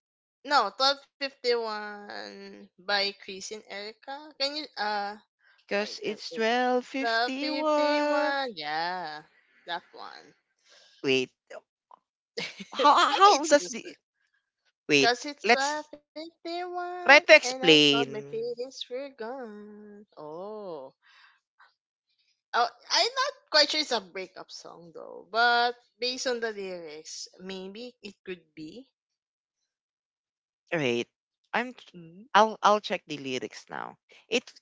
Speaker 2: No, twelve fifty one by Chris and Erica. Can you uh? Wait,
Speaker 1: Because
Speaker 2: uh,
Speaker 1: it's
Speaker 2: wait. Twelve fifty
Speaker 1: twelve fifty one.
Speaker 2: one. Yeah, that one.
Speaker 1: Wait.
Speaker 2: I think
Speaker 1: How how
Speaker 2: it's
Speaker 1: does
Speaker 2: this one.
Speaker 1: the — wait,
Speaker 2: Cause it's twelve
Speaker 1: let's
Speaker 2: fifty one,
Speaker 1: try to
Speaker 2: and I thought my
Speaker 1: explain.
Speaker 2: feelings were gone. Oh, oh. I'm not quite sure it's a breakup song though, but based on the lyrics, maybe it could be.
Speaker 1: Wait. I'm
Speaker 2: Mm,
Speaker 1: I'll I'll check the lyrics now. It's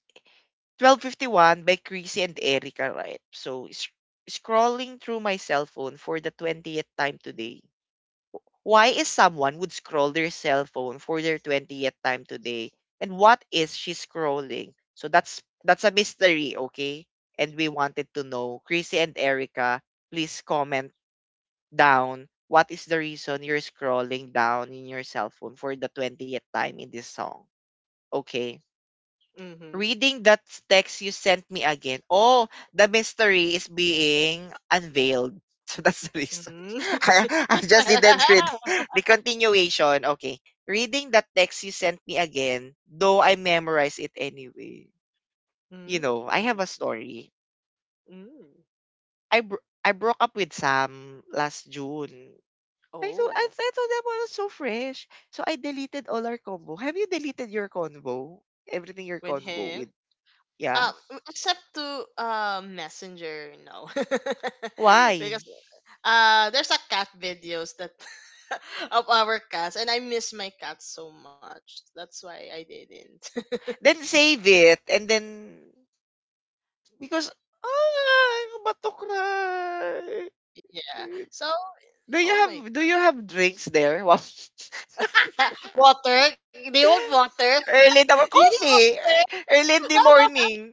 Speaker 1: twelve fifty one by Chrissy and Erica, right? So sc- scrolling through my cell phone for the twentieth time today. Why is someone would scroll their cell phone for their twentieth time today? And what is she scrolling? So that's that's a mystery, okay? And we wanted to know, Chrissy and Erica, please comment down what is the reason you're scrolling down in your cell phone for the twentieth time in this song, okay?
Speaker 2: mm-hmm.
Speaker 1: Reading that text you sent me again. Oh, the mystery is being unveiled. So that's the reason.
Speaker 2: Mm.
Speaker 1: I I just didn't read the continuation. Okay. Reading that text you sent me again, though I memorize it anyway. You know, I
Speaker 2: Mm,
Speaker 1: have a story.
Speaker 2: mm.
Speaker 1: I bro- I broke up with Sam last June. I thought — I,
Speaker 2: Oh,
Speaker 1: I thought that was so fresh. So I deleted all our convo. Have you deleted your convo? Everything, your
Speaker 2: with
Speaker 1: convo
Speaker 2: him.
Speaker 1: with.
Speaker 2: Uh,
Speaker 1: Yeah.
Speaker 2: Except to uh, Messenger, no, because
Speaker 1: Why?
Speaker 2: uh, there's a cat videos that of our cats, and I miss my cat so much. That's why I didn't.
Speaker 1: Then save it, and then because — ah, about to cry.
Speaker 2: Yeah. So,
Speaker 1: Do
Speaker 2: oh
Speaker 1: you
Speaker 2: my
Speaker 1: have do you have drinks there? Wow.
Speaker 2: God. Water. Do you want water?
Speaker 1: Early in
Speaker 2: Do
Speaker 1: the
Speaker 2: you need
Speaker 1: coffee.
Speaker 2: water?
Speaker 1: Early in the morning.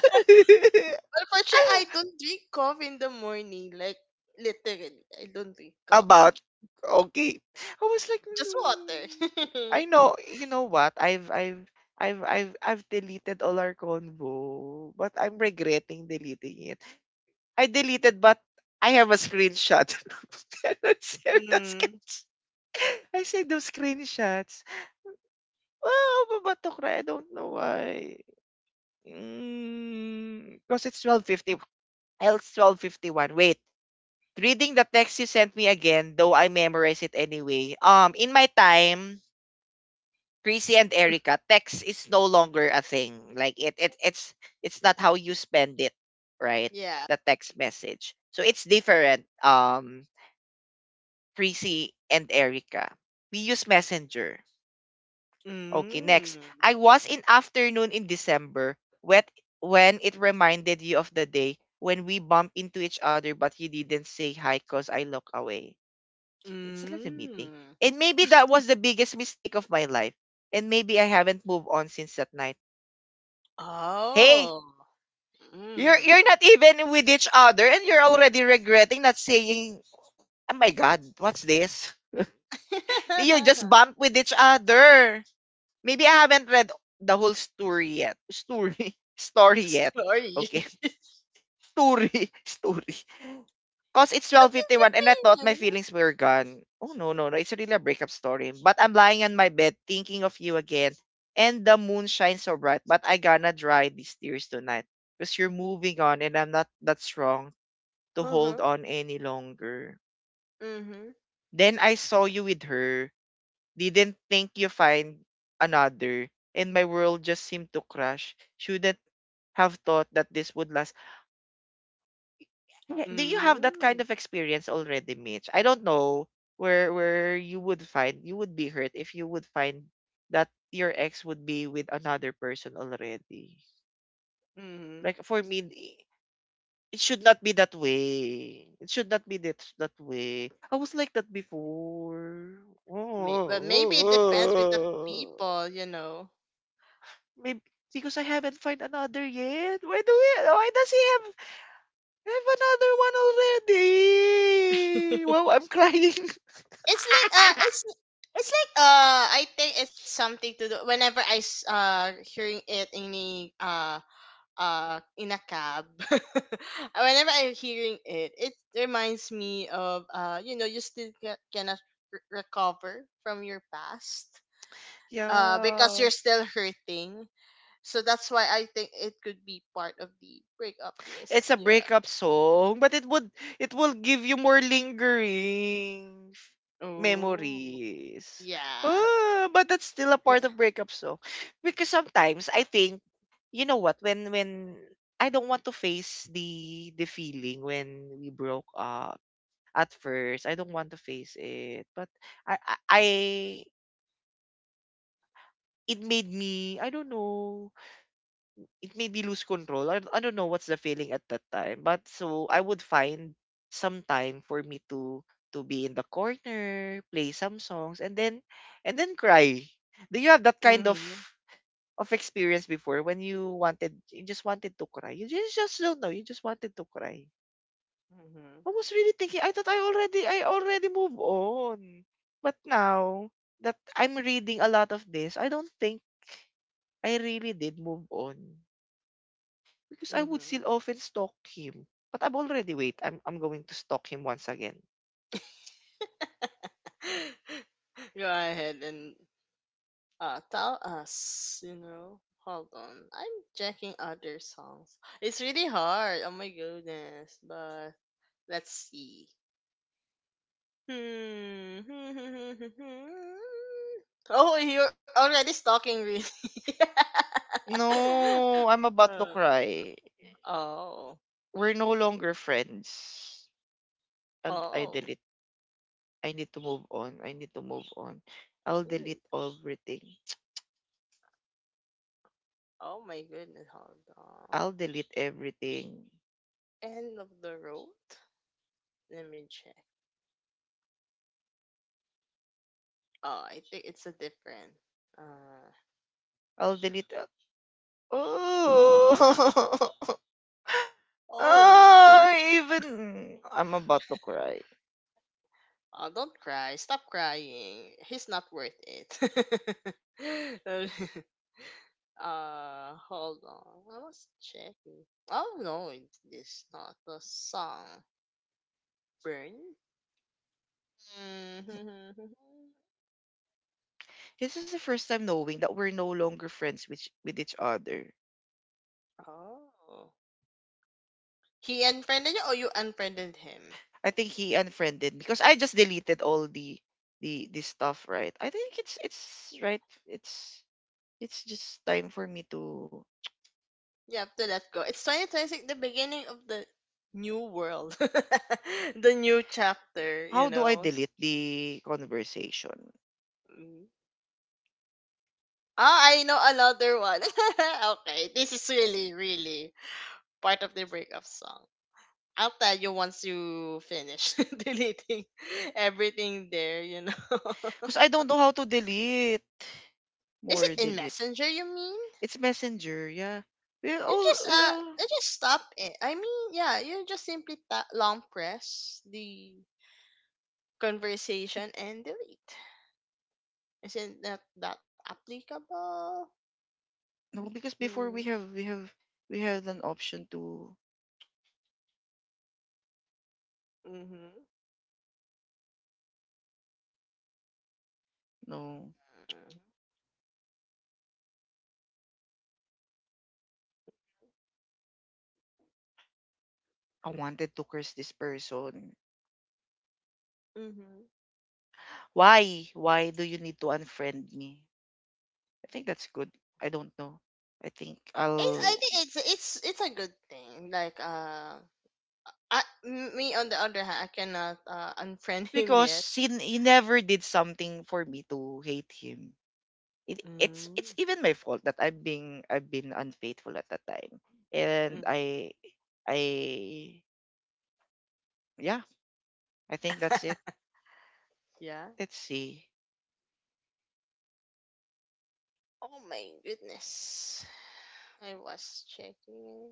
Speaker 2: But unfortunately, I don't drink coffee in the morning. Like, literally, I don't drink coffee.
Speaker 1: About — okay. I was like
Speaker 2: Just
Speaker 1: no.
Speaker 2: water.
Speaker 1: I know, you know what? I've I've I've I've I've deleted all our convo, but I'm regretting deleting it. I deleted, but I have a screenshot. I don't save the
Speaker 2: Mm,
Speaker 1: sketch. I saved those screenshots. Oh, babatok na. I don't know why. Because it's twelve fifty. Well, it's twelve fifty one. Wait. Reading the text you sent me again, though I memorize it anyway. Um, in my time, Chrissy and Erica, text is no longer a thing. Like it, it it's it's not how you spend it, right?
Speaker 2: yeah.
Speaker 1: The text message. So it's different. Um, Tracy and Erica. We use Messenger. Okay, next.
Speaker 2: Mm.
Speaker 1: I was in afternoon in December when — when it reminded you of the day when we bump into each other but you didn't say hi because I look away. It's a little meeting.
Speaker 2: Mm.
Speaker 1: And maybe that was the biggest mistake of my life. And maybe I haven't moved on since that night. Hey,
Speaker 2: Oh.
Speaker 1: you're
Speaker 2: Mm.
Speaker 1: you're not even with each other and you're already regretting not saying, oh my god, what's this? You just bump with each other. Maybe I haven't read the whole story yet. Story. Story yet.
Speaker 2: Story.
Speaker 1: Okay. Story. Story. Cause it's
Speaker 2: What is it
Speaker 1: twelve fifty one and I thought my
Speaker 2: mean?
Speaker 1: feelings were gone. Oh no, no, no. It's really a breakup story. But I'm lying on my bed thinking of you again. And the moon shines so bright. But I gonna dry these tears tonight. Because you're moving on and I'm not that strong to hold
Speaker 2: Uh-huh.
Speaker 1: on any longer.
Speaker 2: Mm-hmm.
Speaker 1: Then I saw you with her, didn't think you find another. And my world just seemed to crash. Shouldn't have thought that this would last. Eh, do you have that kind
Speaker 2: Mm.
Speaker 1: of experience already, Mitch? I don't know where where you would find — you would be hurt if you would find that your ex would be with another person already.
Speaker 2: Mm-hmm.
Speaker 1: Like for me, i- it should not be that way. It should not be that that way. I was like that before.
Speaker 2: May- well, maybe it depends with the people, you know.
Speaker 1: Maybe because I haven't find another yet. Why do we, why does he have have another one already? Wow, I'm crying.
Speaker 2: It's like uh it's it's like uh I think it's something to do whenever I s- uh hearing it in a uh uh in a cab. Whenever I'm hearing it, it reminds me of, uh, you know, you still ca- cannot re- recover from your past, uh, because
Speaker 1: Yeah.
Speaker 2: you're still hurting. So that's why I think it could be part of the breakup
Speaker 1: It's a
Speaker 2: list. Yeah.
Speaker 1: breakup song, but it would — it will give you more lingering f-
Speaker 2: Oh,
Speaker 1: memories.
Speaker 2: yeah.
Speaker 1: Oh, but that's still a part of breakup song. Because sometimes I think, you know what, when — when I don't want to face the the feeling when we broke up at first. I don't want to face it. But I, I, I- it made me, I don't know, it made me lose control. I, I don't know what's the feeling at that time. But so I would find some time for me to to be in the corner, play some songs, and then and then cry. Do you have that kind of
Speaker 2: Hmm.
Speaker 1: of experience before when you wanted you just wanted to cry? You just, just don't know, you just wanted to cry. I
Speaker 2: Hmm.
Speaker 1: was really thinking, I thought I already I already moved on. But now that I'm reading a lot of this, I don't think I really did move on. Because I would
Speaker 2: Hmm.
Speaker 1: still often stalk him. But I'm already — wait, I'm I'm going to stalk him once again.
Speaker 2: Go ahead and uh, tell us, you know. Hold on. I'm checking other songs. It's really hard. Oh my goodness. But let's see. Hmm. Oh, you're already stalking, really.
Speaker 1: No, I'm about to
Speaker 2: Uh,
Speaker 1: cry.
Speaker 2: oh.
Speaker 1: We're no longer friends. I'll — I
Speaker 2: Oh.
Speaker 1: delete. I need to move on. I need to move on. I'll delete
Speaker 2: Hmm.
Speaker 1: everything.
Speaker 2: Oh my goodness. Hold
Speaker 1: I'll
Speaker 2: on.
Speaker 1: delete everything.
Speaker 2: End of the road. Let me check. Oh, I think it's a different. Uh.
Speaker 1: I'll delete. uh, Oh.
Speaker 2: Oh.
Speaker 1: Oh, even I'm about to cry.
Speaker 2: Oh, don't cry. Stop crying. He's not worth it. Uh, uh, hold on. I was checking. Oh no, it is not the song. Burn. Mhm.
Speaker 1: This is the first time knowing that we're no longer friends with with each other.
Speaker 2: Oh. He unfriended you, or you unfriended him?
Speaker 1: I think he unfriended me because I just deleted all the the the stuff, right? I think it's it's right. It's it's just time for me to —
Speaker 2: You have to let go. It's twenty twenty-six, the beginning of the new world, the new chapter. You
Speaker 1: how do I
Speaker 2: know.
Speaker 1: delete the conversation?
Speaker 2: Oh, I know another one. Okay, this is really, really part of the breakup song. I'll tell you once you finish deleting everything there, you know.
Speaker 1: Because I don't know how to delete —
Speaker 2: Is it
Speaker 1: more
Speaker 2: in
Speaker 1: delete.
Speaker 2: Messenger, you mean?
Speaker 1: It's messenger, yeah. We're
Speaker 2: You
Speaker 1: all
Speaker 2: just,
Speaker 1: we're
Speaker 2: uh,
Speaker 1: all —
Speaker 2: you just stop it. I mean, yeah, you just simply ta- long press the conversation and delete. Isn't that, that applicable?
Speaker 1: no, because before
Speaker 2: Mm,
Speaker 1: we have we have we have an option to —
Speaker 2: mm-hmm.
Speaker 1: no,
Speaker 2: Mm-hmm.
Speaker 1: I wanted to curse this person.
Speaker 2: Mm-hmm.
Speaker 1: Why? Why do you need to unfriend me? I think that's good. I don't know. I think
Speaker 2: It, I
Speaker 1: I'll —
Speaker 2: think it's it's it's a good thing. Like, uh, I, m- me on the other hand, I cannot uh unfriend him
Speaker 1: because
Speaker 2: yet.
Speaker 1: he, he never did something for me to hate him. It, it's
Speaker 2: Mm,
Speaker 1: it's even my fault that I've been I've been unfaithful at that time. And
Speaker 2: mm,
Speaker 1: I — I — yeah, I think that's it.
Speaker 2: yeah.
Speaker 1: Let's see.
Speaker 2: Oh my goodness, I was checking.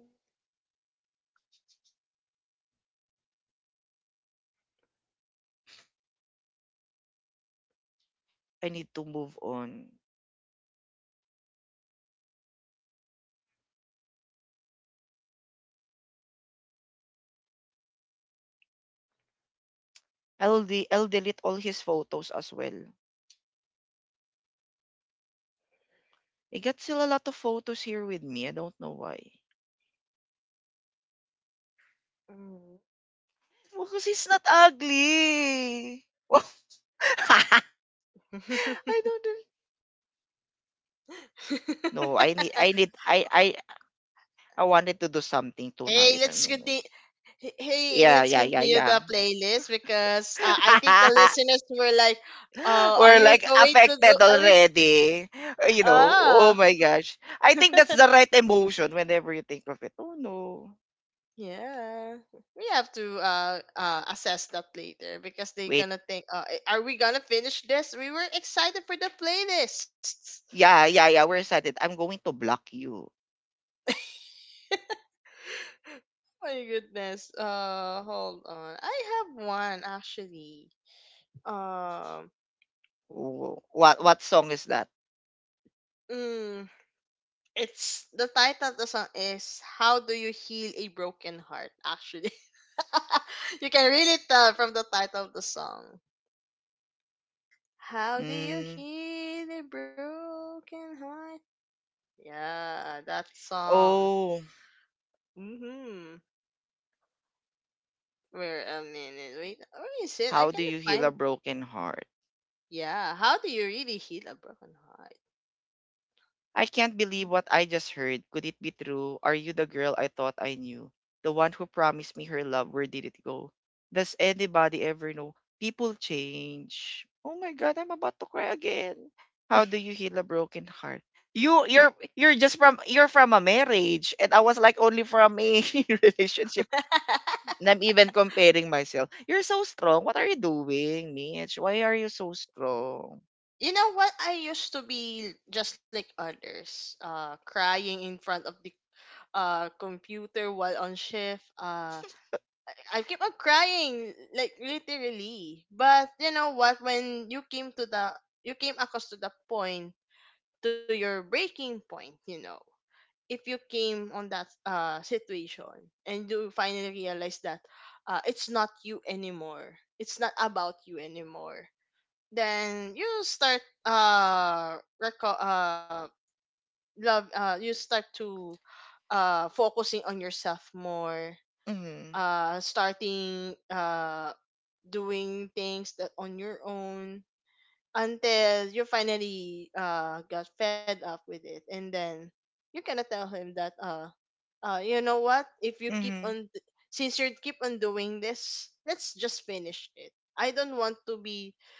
Speaker 1: I need to move on. I'll de- I'll delete all his photos as well. I got still a lot of photos here with me. I don't know why.
Speaker 2: Mm.
Speaker 1: Well, because he's not ugly. Well, I don't know. No, I need, I need, I, I, I wanted to do something
Speaker 2: Hey,
Speaker 1: tonight. I
Speaker 2: let's
Speaker 1: don't know.
Speaker 2: continue. Hey,
Speaker 1: Yeah,
Speaker 2: let's
Speaker 1: yeah, yeah,
Speaker 2: continue
Speaker 1: yeah.
Speaker 2: the playlist because, uh, I think the listeners were like, "Oh, are
Speaker 1: We're
Speaker 2: you
Speaker 1: like
Speaker 2: going to do?"
Speaker 1: affected
Speaker 2: Are we,
Speaker 1: already. Uh, You know,
Speaker 2: ah.
Speaker 1: oh my gosh. I think that's the right emotion whenever you think of it. Oh no.
Speaker 2: Yeah, we have to uh, uh assess that later because they're
Speaker 1: Wait.
Speaker 2: gonna think, uh, "A- Are we gonna finish this? We were excited for the playlists."
Speaker 1: Yeah, yeah, yeah. We're excited. I'm going to block you.
Speaker 2: My goodness. Uh, hold on. I have one actually. Um,
Speaker 1: Oh, what what song is that?
Speaker 2: mm, it's, the title of the song is "How Do You Heal a Broken Heart?" Actually, you can really tell from the title of the song. How do you
Speaker 1: Mm.
Speaker 2: heal a broken heart? Yeah, that song.
Speaker 1: Oh,
Speaker 2: Mm-hmm. Wait a minute. Wait, where is it? I
Speaker 1: how do
Speaker 2: can't
Speaker 1: you heal a
Speaker 2: find.
Speaker 1: broken heart?
Speaker 2: Yeah. How do you really heal a broken heart?
Speaker 1: I can't believe what I just heard. Could it be true? Are you the girl I thought I knew? The one who promised me her love, where did it go? Does anybody ever know? People change. Oh my god, I'm about to cry again. How do you heal a broken heart? You you're you're just from — you're from a marriage and I was like only from a relationship. And I'm even comparing myself. You're so strong. What are you doing, Mitch? Why are you so strong?
Speaker 2: You know what? I used to be just like others, uh, crying in front of the uh computer while on shift. Uh, I I keep on crying, like literally. But you know what? When you came to the, you came across to the point, to your breaking point. You know, if you came on that uh, situation and you finally realize that uh, it's not you anymore, it's not about you anymore, then you start uh, reco- uh love uh you start to uh focusing on yourself more,
Speaker 1: Mm-hmm.
Speaker 2: uh, starting uh doing things that on your own until you finally uh got fed up with it, and then you cannot tell him that uh uh, you know what? If you keep
Speaker 1: Mm-hmm.
Speaker 2: on, d- since you keep on doing this, let's just finish it. I don't want to be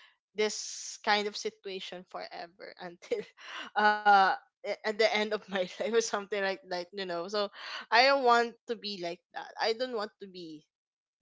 Speaker 2: this kind of situation forever until, uh, a- at the end of my life or something like that. You know, so I don't want to be like that. I don't want to be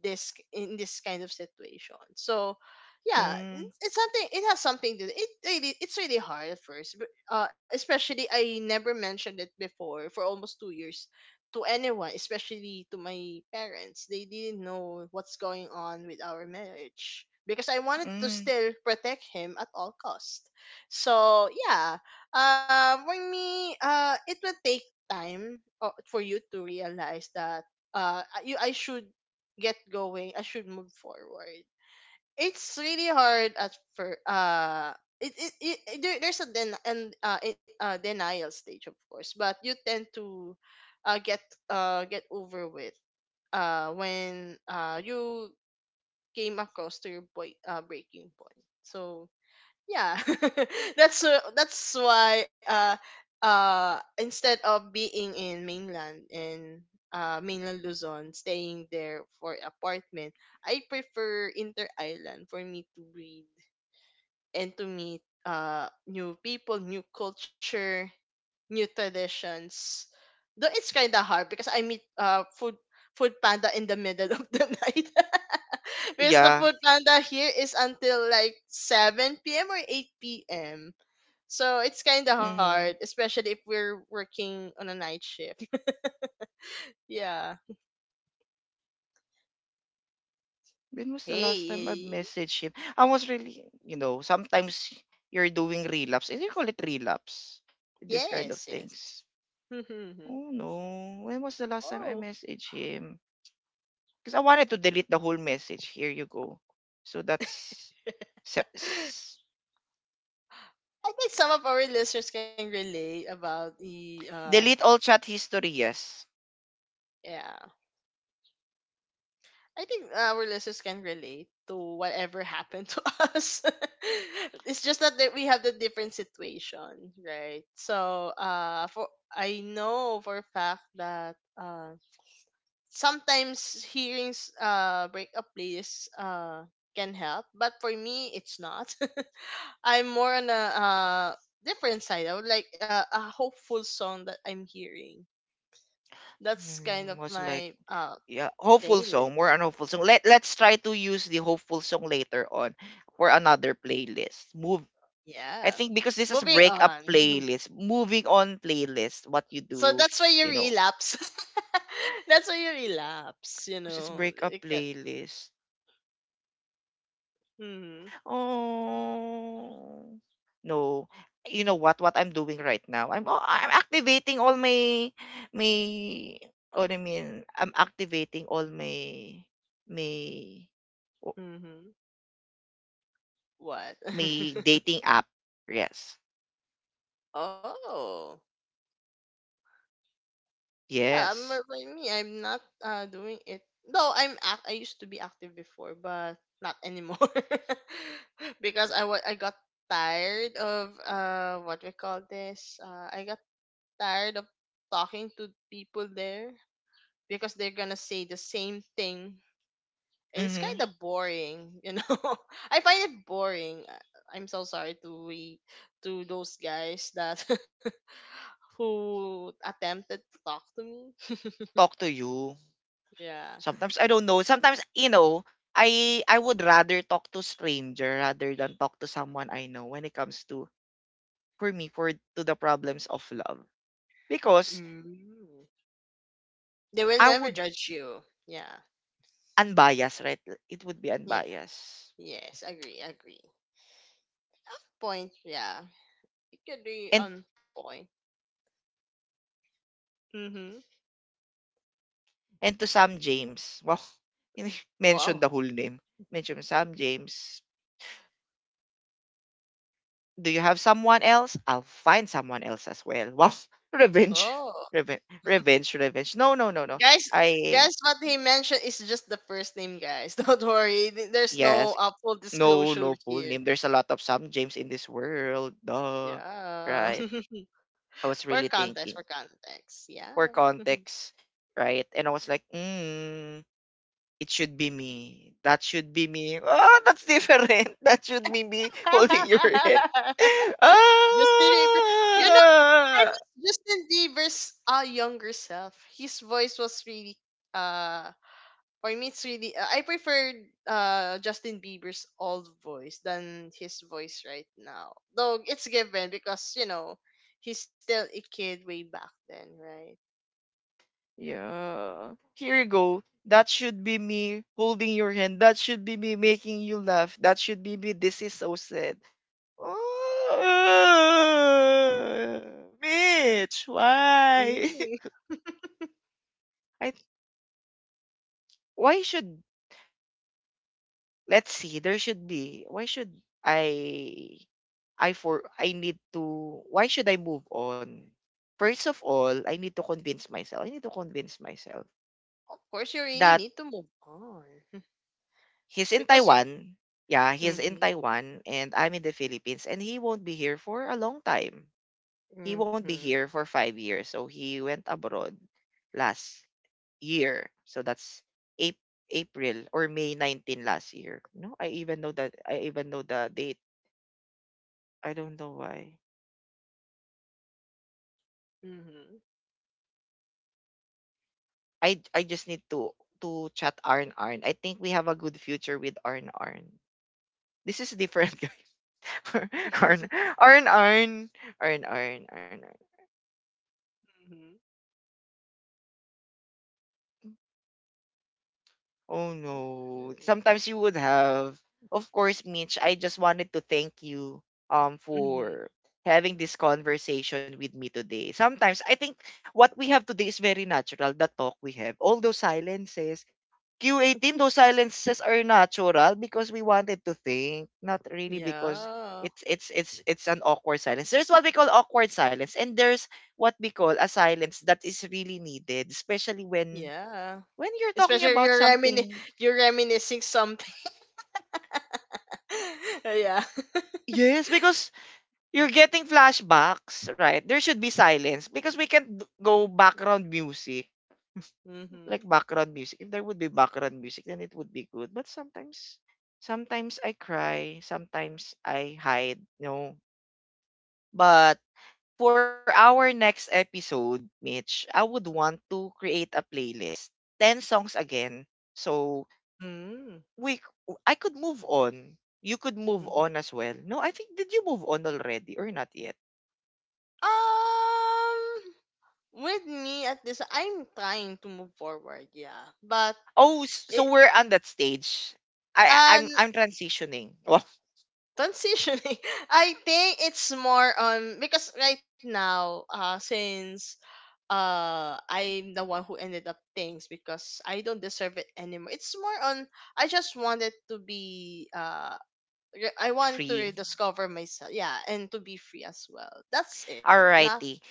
Speaker 2: this in this kind of situation. So yeah, n-
Speaker 1: Mm-hmm.
Speaker 2: it's something, it has something to do. It really it's really hard at first. But uh especially I never mentioned it before for almost two years to anyone, especially to my parents. They didn't know what's going on with our marriage. Because I wanted to
Speaker 1: Mm-hmm.
Speaker 2: still protect him at all cost. So yeah. Uh, for me, uh it will take time, uh, for you to realize that uh you I should get going, I should move forward. It's really hard at first. Uh, it, it, it, it- there, there's a den- and uh, it, uh, denial stage, of course, but you tend to uh, get uh, get over with uh, when uh, you came across to your boy, uh, breaking point. So yeah. That's uh, that's why uh uh instead of being in mainland, in uh mainland Luzon, staying there for apartment, I prefer inter island, for me to breathe and to meet uh new people, new culture, new traditions. Though it's kind of hard because I meet uh food, food panda in the middle of the night. Because the
Speaker 1: Yeah.
Speaker 2: food panda here is until like seven p m or eight p m. So it's kind of hard,
Speaker 1: Mm-hmm.
Speaker 2: especially if we're working on a night shift. Yeah.
Speaker 1: When was the last time I've
Speaker 2: Hey.
Speaker 1: messaged him? I was really, you know, sometimes you're doing relapse. Is you call it relapse? This
Speaker 2: Yes,
Speaker 1: kind of
Speaker 2: yes.
Speaker 1: things. Oh no. When was the last time I
Speaker 2: Oh.
Speaker 1: messaged him? Because I wanted to delete the whole message. Here you go. So that's se- s-
Speaker 2: I think some of our listeners can relate about the uh,
Speaker 1: delete all chat history, yes.
Speaker 2: yeah. I think uh, our listeners can relate to whatever happened to us. It's just that, that we have the different situation, right? So, uh, for, I know for a fact that uh, sometimes hearing s- uh breakup playlists uh can help, but for me, it's not. I'm more on a uh different side. I would like uh, a hopeful song that I'm hearing. That's kind
Speaker 1: Mm,
Speaker 2: of
Speaker 1: was like,
Speaker 2: my uh
Speaker 1: yeah, hopeful song — more
Speaker 2: playlist.
Speaker 1: on hopeful song, let let's try to use the hopeful song later on for another playlist move. I
Speaker 2: Yeah.
Speaker 1: think because this is
Speaker 2: Moving
Speaker 1: breakup
Speaker 2: on.
Speaker 1: playlist, moving on playlist — what you
Speaker 2: So that's
Speaker 1: do,
Speaker 2: why you
Speaker 1: you know,
Speaker 2: relapse. That's why you relapse, you
Speaker 1: because it's
Speaker 2: know.
Speaker 1: breakup
Speaker 2: It can,
Speaker 1: playlist.
Speaker 2: mm-hmm,
Speaker 1: Oh no. You know what what I'm doing right now? I'm — oh, I'm activating all my — my — what I mean, I'm activating all my — my —
Speaker 2: mm-hmm. What?
Speaker 1: May dating app. Yes.
Speaker 2: Oh. Yeah, I'm, uh,
Speaker 1: Yes.
Speaker 2: by me, I'm not uh, doing it. No, I'm ac- I used to be active before, but not anymore. Because I wa- I got tired of uh what we call this. Uh, I got tired of talking to people there because they're gonna say the same thing. It's
Speaker 1: Mhm.
Speaker 2: kind of boring, you know. I find it boring. Uh, I'm so sorry to we to those guys that who attempted to talk to me.
Speaker 1: Talk to you.
Speaker 2: Yeah.
Speaker 1: Sometimes I don't know. Sometimes you know, I I would rather talk to stranger rather than talk to someone I know when it comes to for me for to the problems of love because
Speaker 2: Mm. They will
Speaker 1: I
Speaker 2: never
Speaker 1: would
Speaker 2: judge you. Yeah.
Speaker 1: unbiased, right? It would be
Speaker 2: Yeah.
Speaker 1: unbiased.
Speaker 2: Yes. Agree. Agree. Off point. Yeah. It could be
Speaker 1: And
Speaker 2: on point. Mhm.
Speaker 1: and to Sam James, well, mention
Speaker 2: Wow.
Speaker 1: the whole name. Mention Sam James. Do you have someone else? I'll find someone else as well. Wow, revenge,
Speaker 2: Oh.
Speaker 1: revenge, revenge, revenge. No, no, no, no.
Speaker 2: Guys,
Speaker 1: I
Speaker 2: guys, what he mentioned is just the first name, guys. Don't worry. th- There's no
Speaker 1: Yes,
Speaker 2: uh, full
Speaker 1: no,
Speaker 2: disclosure
Speaker 1: no full
Speaker 2: here.
Speaker 1: name. There's a lot of some James in this world. Duh.
Speaker 2: Yeah.
Speaker 1: Right. I was
Speaker 2: For
Speaker 1: really
Speaker 2: context, for
Speaker 1: thinking
Speaker 2: context. Yeah.
Speaker 1: for context, right? And I was like, mm, it should be me. That should be me. Oh, that's different. That should be me holding your hand.
Speaker 2: Justin Bieber. You know, I miss
Speaker 1: Ah!
Speaker 2: Justin Bieber's uh, younger self. His voice was really uh, for me, it's really uh, I prefer uh Justin Bieber's old voice than his voice right now. Though it's given because you know he's still a kid way back then, right?
Speaker 1: Yeah. Here you go. That should be me holding your hand. That should be me making you laugh. That should be me. This is so sad. Oh, Mitch, why?
Speaker 2: Mm.
Speaker 1: I why should Let's see. There should be. Why should I I for I need to why should I move on? First of all, I need to convince myself. I need to convince myself
Speaker 2: Of course, you really
Speaker 1: that
Speaker 2: need to move on
Speaker 1: he's in
Speaker 2: because you.
Speaker 1: Taiwan. Yeah, he's in
Speaker 2: Mhm.
Speaker 1: Taiwan and I'm in the Philippines and he won't be here for a long time. He won't be
Speaker 2: Mhm.
Speaker 1: here for five years. So he went abroad last year. So that's Ap- April or May nineteenth last year. No, I even know that I even know the date. I don't know why.
Speaker 2: Mhm.
Speaker 1: I I just need to to chat Arn Arn. I think we have a good future with Arn Arn. This is different guys. Arn Arn Arn Arn Arn Arn Arn.
Speaker 2: Mhm.
Speaker 1: Oh no. Sometimes you would have. Of course, Mitch, I just wanted to thank you um
Speaker 2: Mm-hmm.
Speaker 1: for having this conversation with me today. Sometimes I think what we have today is very natural, the talk we have. All those silences. Q eighteen, those silences are natural because we wanted to think, not really because
Speaker 2: Yeah.
Speaker 1: it's it's it's it's an awkward silence. There's what we call awkward silence, and there's what we call a silence that is really needed, especially when
Speaker 2: Yeah.
Speaker 1: when you're talking
Speaker 2: Especially if
Speaker 1: about
Speaker 2: you're remini-
Speaker 1: something.
Speaker 2: you're reminiscing something. Yeah.
Speaker 1: Yes, because you're getting flashbacks, right? There should be silence because we can't d- go background music.
Speaker 2: Mm-hmm.
Speaker 1: Like background music. If there would be background music, then it would be good. But sometimes, sometimes I cry. Sometimes I hide. No. But for our next episode, Mitch, I would want to create a playlist. ten songs again. So
Speaker 2: Mm-hmm.
Speaker 1: we, c- I could move on. You could move on as well. No, I think, did you move on already or not yet?
Speaker 2: Um, with me at this, I'm trying to move forward, yeah. But
Speaker 1: Oh, s-
Speaker 2: it
Speaker 1: so we're on that stage. I
Speaker 2: and
Speaker 1: I'm I'm transitioning. Well,
Speaker 2: transitioning, I think it's more on because right now, uh, since uh, I'm the one who ended up things because I don't deserve it anymore. It's more on, I just wanted to be uh. re- I wanted to
Speaker 1: free.
Speaker 2: rediscover myself, yeah, and to be free as well. That's it. Not
Speaker 1: Alrighty.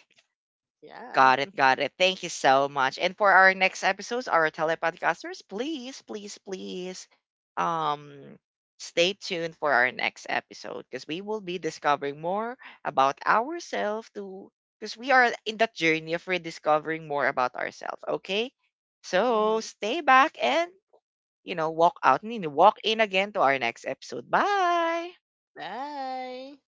Speaker 2: yeah.
Speaker 1: Got it, got it. Thank you so much. And for our next episodes, our telepodcasters, please, please, please um stay tuned for our next episode because we will be discovering more about ourselves to because we are in that journey of rediscovering more about ourselves. Okay? So
Speaker 2: Mm-hmm.
Speaker 1: stay back and you know, walk out, I mean, walk in again to our next episode. Bye!
Speaker 2: Bye.